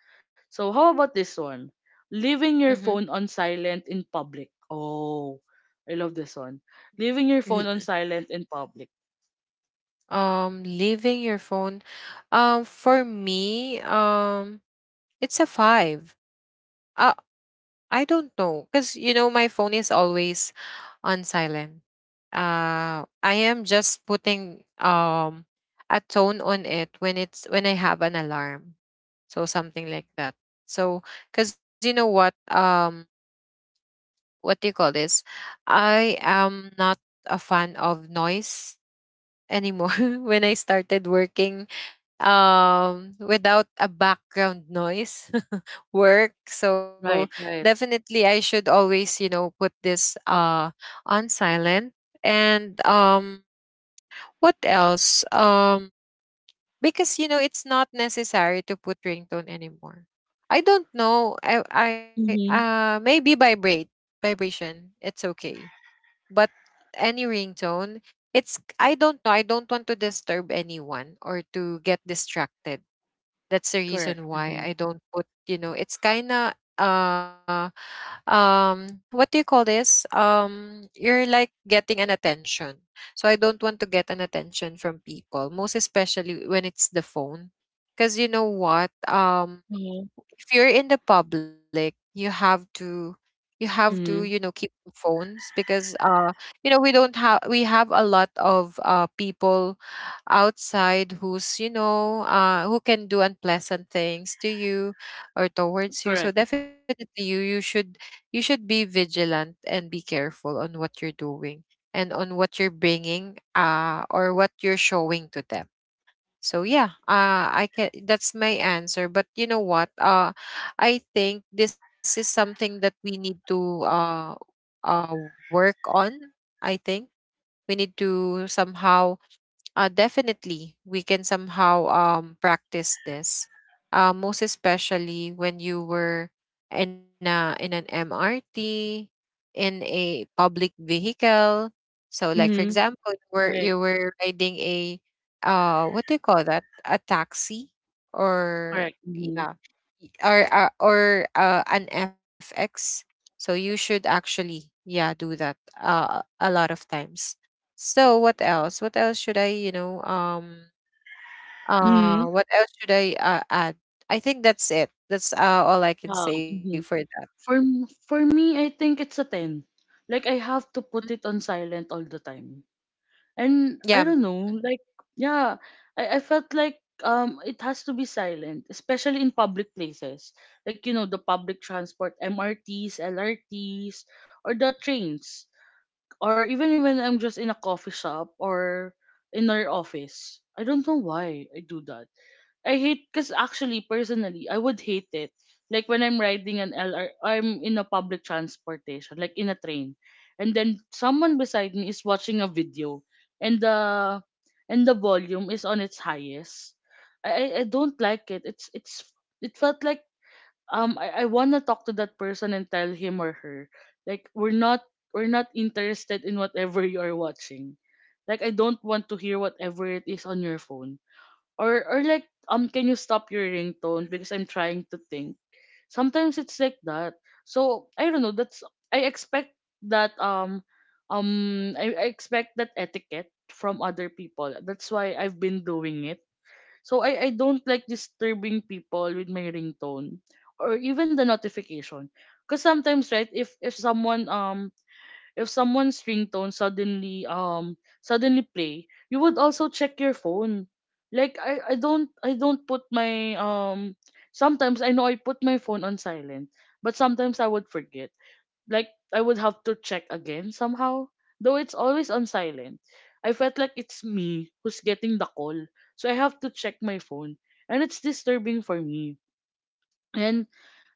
S1: So how about this one? Leaving
S2: Mm-hmm.
S1: your phone on silent in public. Oh, I love this one. Leaving your phone on silent in public.
S2: Leaving your phone, for me, it's a five. uh, I don't know, because you know my phone is always on silent. I am just putting a tone on it when it's, when I have an alarm, so something like that. So, because you know what, what do you call this? I am not a fan of noise anymore. [laughs] When I started working without a background noise [laughs] work. So
S1: Right, right.
S2: definitely I should, always you know, put this on silent. And what else? Because you know it's not necessary to put ringtone anymore. I don't know, I
S1: Mhm.
S2: maybe vibrate. Vibration, it's okay. But any ringtone, it's, I don't know, I don't want to disturb anyone or to get distracted. That's the
S1: Correct.
S2: reason why
S1: Mhm.
S2: I don't put, you know, it's kind of what do you call this? You're like getting an attention. So I don't want to get an attention from people, most especially when it's the phone. Cuz you know what?
S1: Mhm.
S2: If you're in the public, you have to you have to, you know,
S1: Mhm.
S2: keep phones because you know, we don't have we have a lot of people outside who's, you know, who can do unpleasant things to you or towards you. So
S1: Correct.
S2: definitely you should, you should be vigilant and be careful on what you're doing and on what you're bringing, or what you're showing to them. So yeah, I can, that's my answer. But you know what, I think this is something that we need to uh, work on. I think we need to somehow, definitely, we can somehow practice this. Most especially when you were in a in an MRT, in a public vehicle. So, like for
S1: Mhm.
S2: example, you were
S1: Right.
S2: you were riding a what do you call that? A taxi, or
S1: Correct. Mhm.
S2: yeah, y- or an FX. So you should actually, yeah, do that a lot of times. So what else? What else should I, you know,
S1: Mhm.
S2: what else should I, add? I think that's it. That's, all I can
S1: Yeah.
S2: say for
S1: Mhm.
S2: that.
S1: For me, I think it's a 10. Like I have to
S2: Mm,
S1: put it on silent all the time, and
S2: yeah.
S1: I don't know.
S2: Mhm,
S1: Like yeah, I felt like it has to be silent, especially in public places, like the public transport, MRTs, LRTs, or the trains, or even when I'm just in a coffee shop or in our office. I don't know why I do that. I hate, because actually personally I would hate it. Like when I'm riding an LR, am in a public transportation, like in a train, and then someone beside me is watching a video, and the and the volume is on its highest. I don't like it. It felt like I wanna talk to that person and tell him or her, like, we're not interested in whatever you are watching. Like I don't want to hear whatever it is on your phone. Or like can you stop your ringtone because I'm trying to think. Sometimes it's like that. So I don't know, that's, I expect that um I expect that etiquette from other people. That's why I've been doing it. So I don't like disturbing people with my ringtone or even the notification. Cause sometimes, right, if someone if someone's ringtone suddenly play, you would also check your phone. Like I don't put my sometimes I know I put my phone on silent, but sometimes I would forget. Like I would have to check again somehow. Though it's always on silent, I felt like it's me who's getting the call. So I have to check my phone. And it's disturbing for me. And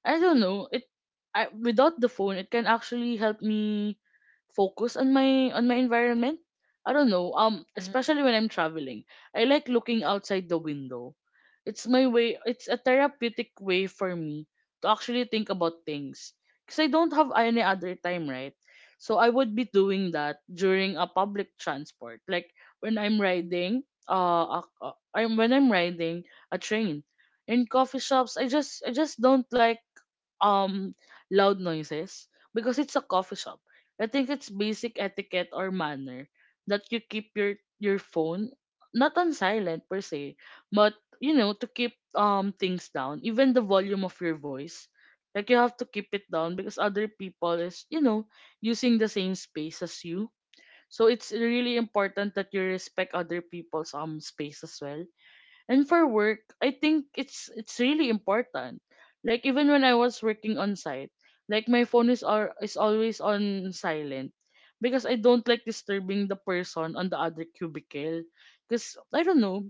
S1: I don't know, it I without the phone it can actually help me focus on my environment. I don't know. Um,
S2: mhm.
S1: especially when I'm traveling, I like looking outside the window. It's my way. It's a therapeutic way for me to actually think about things, because I don't have any other time, right? So I would be doing that during a public transport, like when I'm riding. A- I'm when I'm riding a train, in coffee shops. I just don't like um loud noises, because it's a coffee shop. I think it's basic etiquette or manner that you keep your phone not on silent per se, but to keep things down, even the volume of your voice. Like you have to keep it down, because other people is using the same space as you. So it's really important that you respect other people's space as well. And for work, I think it's really important. Like even when I was working on site, like my phone is is always on silent, because I don't like disturbing the person on the other cubicle. Because I don't know,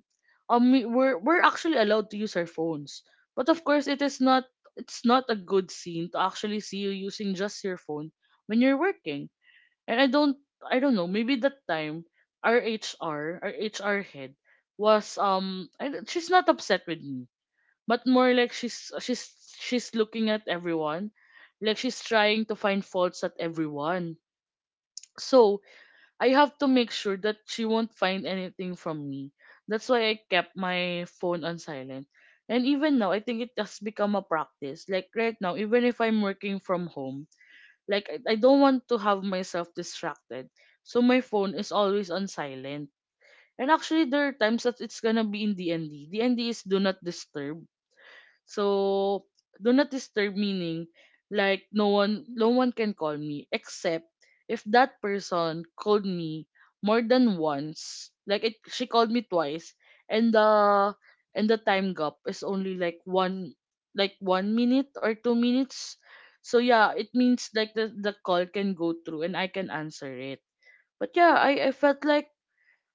S1: we're actually allowed to use our phones, but of course it's not a good scene to actually see you using just your phone when you're working. And I don't know, maybe that time our HR, our HR head was I, don't- she's not upset with me, but more like she's looking at everyone. Like she's trying to find faults at everyone. So, I have to make sure that she won't find anything from me. That's why I kept my phone on silent. And even now, I think it has become a practice. Like right now, even if I'm working from home. Like I don't want to have myself distracted. So my phone is always on silent. And actually there are times that it's gonna be in DND. DND is do not disturb. So do not disturb meaning like no one can call me, except if that person called me more than once. Like it she called me twice, and the and the time gap is only like one minute or 2 minutes. So yeah, it means like the call can go through and I can answer it. But yeah, I felt like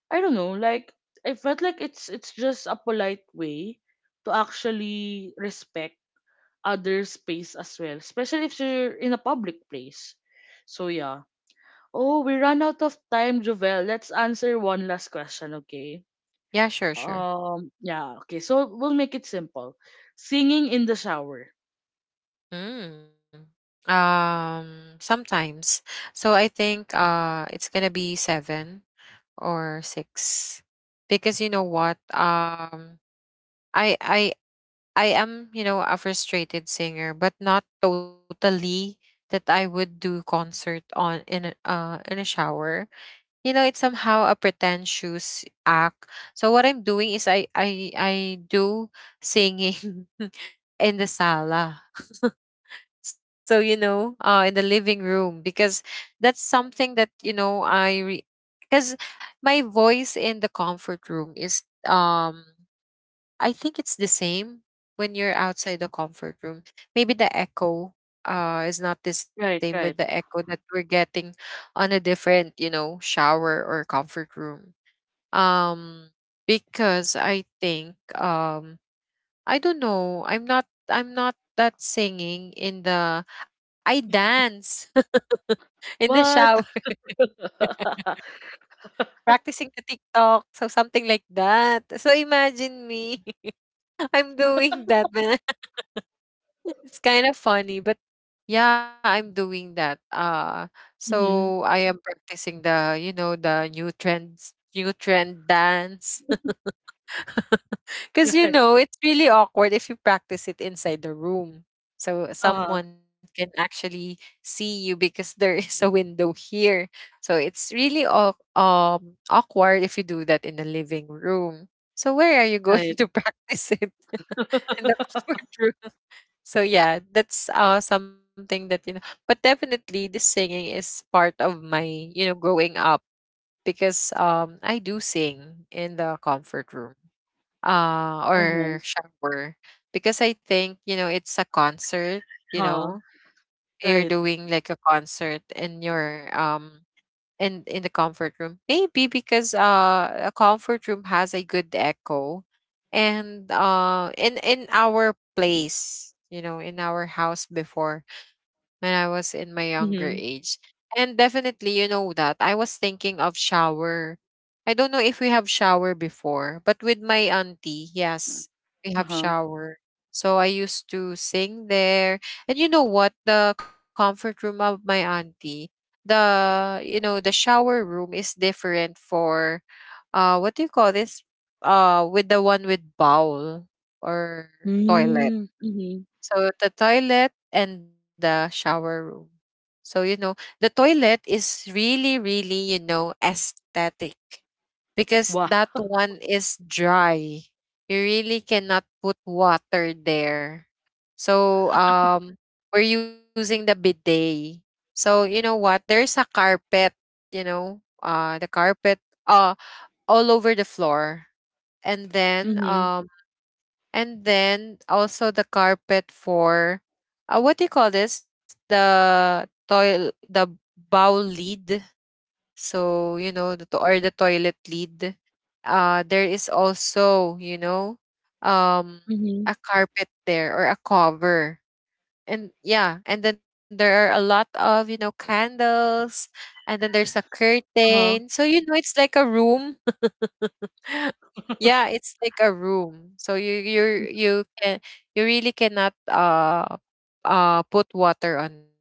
S1: I don't know, like I felt like it's just a polite way to actually respect other space as well, especially if you're in a public place. So yeah. Oh, we ran out of time, Jovel. Let's answer one last question, okay?
S2: Yeah, sure, sure.
S1: Yeah, okay. So we'll make it simple. Singing in the shower.
S2: Mm. Um, sometimes. So I think it's going to be 7 or 6, because you know what? I I I am, you know, a frustrated singer, but not totally that I would do concert on in a shower. You know, it's somehow a pretentious act. So what I'm doing is I do singing [laughs] in the sala. So you know, in the living room. Because that's something that, you know, I, because my voice in the comfort room is, um, I think it's the same when you're outside the comfort room. Maybe the echo is not the same with
S1: Right,
S2: the
S1: right.
S2: echo that we're getting on a different, you know, shower or comfort room. Um because I think, um, I don't know, I'm not that singing in the, I dance [laughs] in the shower
S1: What?
S2: [laughs]
S1: [laughs]
S2: practicing the TikTok, so something like that. So imagine me, [laughs] I'm doing that. It's kind of funny, but yeah, I'm doing that. So
S1: Mm-hmm.
S2: I am practicing the, you know, the new trend dance. [laughs] Cuz you
S1: Right.
S2: know, it's really awkward if you practice it inside the room. So
S1: Uh,
S2: someone can actually see you, because [laughs] there is a window here. So it's really awkward if you do that in the living room. So where are you going [laughs]
S1: Right.
S2: to practice it? [laughs] In the
S1: [laughs]
S2: comfort room. So yeah, that's something that, you know. But definitely, this singing is part of my, you know, growing up. Because I do sing in the comfort room
S1: Mm-hmm.
S2: or shower, because I think, you know, it's a concert. You
S1: Uh,
S2: know, you're
S1: right.
S2: doing like a concert and you're, um, in the comfort room, maybe because a comfort room has a good echo. And in our place, you know, in our house before, when I was in my younger
S1: Mm-hmm.
S2: age. And definitely, you know, that I was thinking of shower. I don't know if we have shower before, but with my auntie, yes, we have
S1: Uh-huh.
S2: shower. So I used to sing there. And you know what, the comfort room of my auntie, the, you know, the shower room is different for, what do you call this, with the one with bowl, or toilet.
S1: Mm-hmm. Mm-hmm.
S2: So the toilet and the shower room. So you know, the toilet is really really, you know, aesthetic, because
S1: Wow.
S2: that one is dry. You really cannot put water there. So we're using the bidet. So you know what? There's a carpet, you know, the carpet uh all over the floor. And then,
S1: Mm-hmm.
S2: and then also the carpet for, what do you call this, the toil the bowl lid. So you know the to- or the toilet lid, there is also, you know, um
S1: Mm-hmm.
S2: a carpet there, or a cover. And yeah, and then there are a lot of, you know, candles. And then there's a curtain,
S1: Uh-huh.
S2: so you know, it's like a room. [laughs] Yeah, it's like a room. So you can, you really cannot put water on it,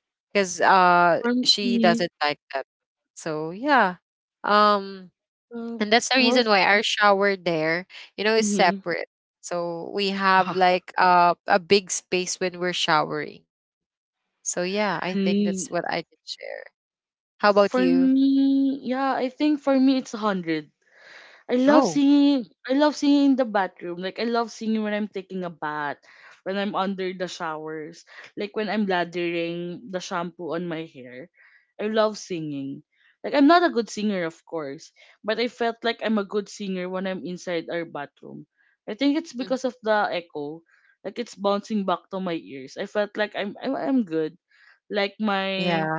S2: because she doesn't
S1: Mm-hmm.
S2: like that. So yeah. Um
S1: Uh,
S2: and that's the reason
S1: well,
S2: why our shower there, you know, is
S1: mm-hmm.
S2: separate. So we have
S1: [laughs]
S2: like, a big space when we're showering. So yeah, I think that's what I
S1: Mm,
S2: can share. How about
S1: for
S2: you?
S1: me, yeah, I think for me it's 100. I love
S2: Oh.
S1: singing. I love singing in the bathroom. Like I love singing when I'm taking a bath, when I'm under the showers, like when I'm lathering the shampoo on my hair. I love singing. Like I'm not a good singer, of course, but I felt like I'm a good singer when I'm inside our bathroom. I think it's
S2: Mhm.
S1: because of the echo. Like it's bouncing back to my ears. I felt like I'm good. Like
S2: Yeah,
S1: my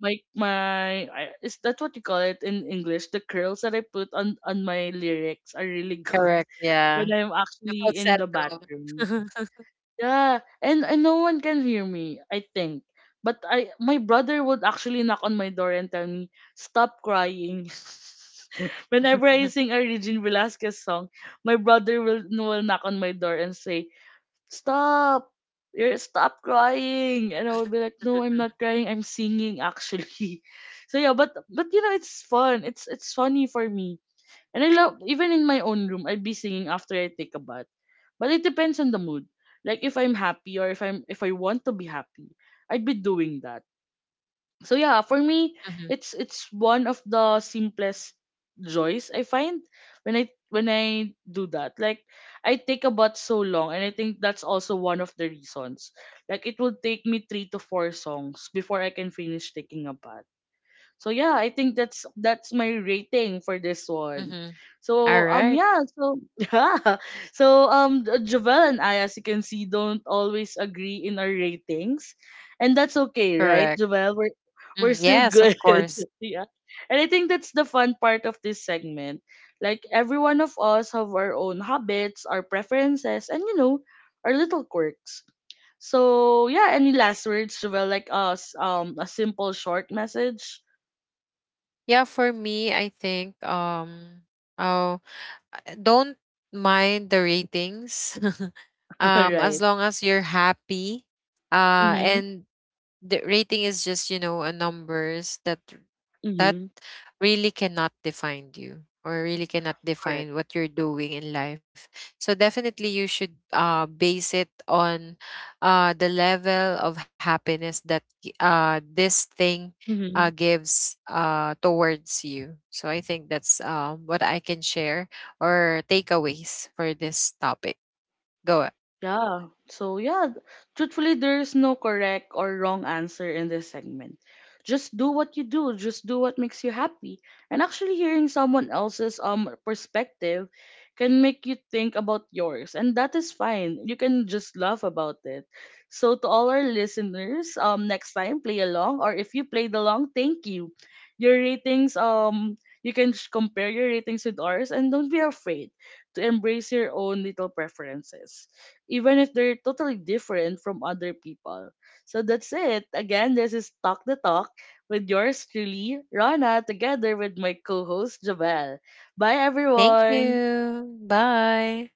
S1: my my I- is that what you call it in English? The curls that I put on my lyrics are really good
S2: correct.
S1: [laughs] when
S2: Yeah.
S1: I'm
S2: The
S1: actually in the
S2: falsetto.
S1: bathroom. Yeah, and no one can hear me, I think. But I my brother would actually knock on my door and tell me stop crying. [laughs] Whenever I
S2: [laughs]
S1: sing a Regine Velasquez song, my brother will knock on my door and say stop, you're, stop crying. And I would be
S2: Mhm,
S1: like, no, I'm not crying, I'm singing actually. [laughs] So yeah, but it's fun, it's funny for me. And I love, even in my own room, I'd be singing after I take a bath. But it depends on the mood. Like if I'm happy, or if I'm if I want to be happy, I'd be doing that. So yeah, for me
S2: mhm,
S1: it's one of the simplest joys I find when I do that. Like I take about so long, and I think that's also one of the reasons, like it will take me three to four songs before I can finish taking a bath. So yeah, I think that's my rating for this one.
S2: mhm. All
S1: So
S2: right,
S1: yeah, so [laughs] yeah. So Javel and I, as you can see, don't always agree in our ratings. And that's okay,
S2: correct.
S1: right? Javel, we're
S2: Mhm,
S1: we're still
S2: yes, of
S1: good. [laughs]
S2: course.
S1: Yeah. And I think that's the fun part of this segment. Like every one of us have our own habits, our preferences, and our little quirks. So yeah, any last words, Javel, like us, a simple short message?
S2: Yeah, for me, I think oh, I don't mind the ratings. [laughs] Um, as
S1: Right.
S2: long as you're happy.
S1: Mhm.
S2: And the rating is just, you know, a numbers that, that
S1: Mhm.
S2: really cannot define you or really cannot
S1: Correct.
S2: define what you're doing in life. So definitely you should, base it on, the level of happiness that this thing,
S1: Mhm.
S2: gives, towards you. So I think that's, what I can share, or takeaways for this topic. Go.
S1: Yeah. So yeah, truthfully, there's no correct or wrong answer in this segment. Just do what you do. Just do what makes you happy. And actually, hearing someone else's perspective can make you think about yours, and that is fine. You can just laugh about it. So to all our listeners, next time play along, or if you played along, thank you. Your ratings, compare your ratings with ours, and don't be afraid to embrace your own little preferences even if they're totally different from other people. So that's it. Again, this is Talk the Talk with yours truly, Rana, together with my co host, Javel. Bye,
S2: Thank
S1: everyone.
S2: you. Bye.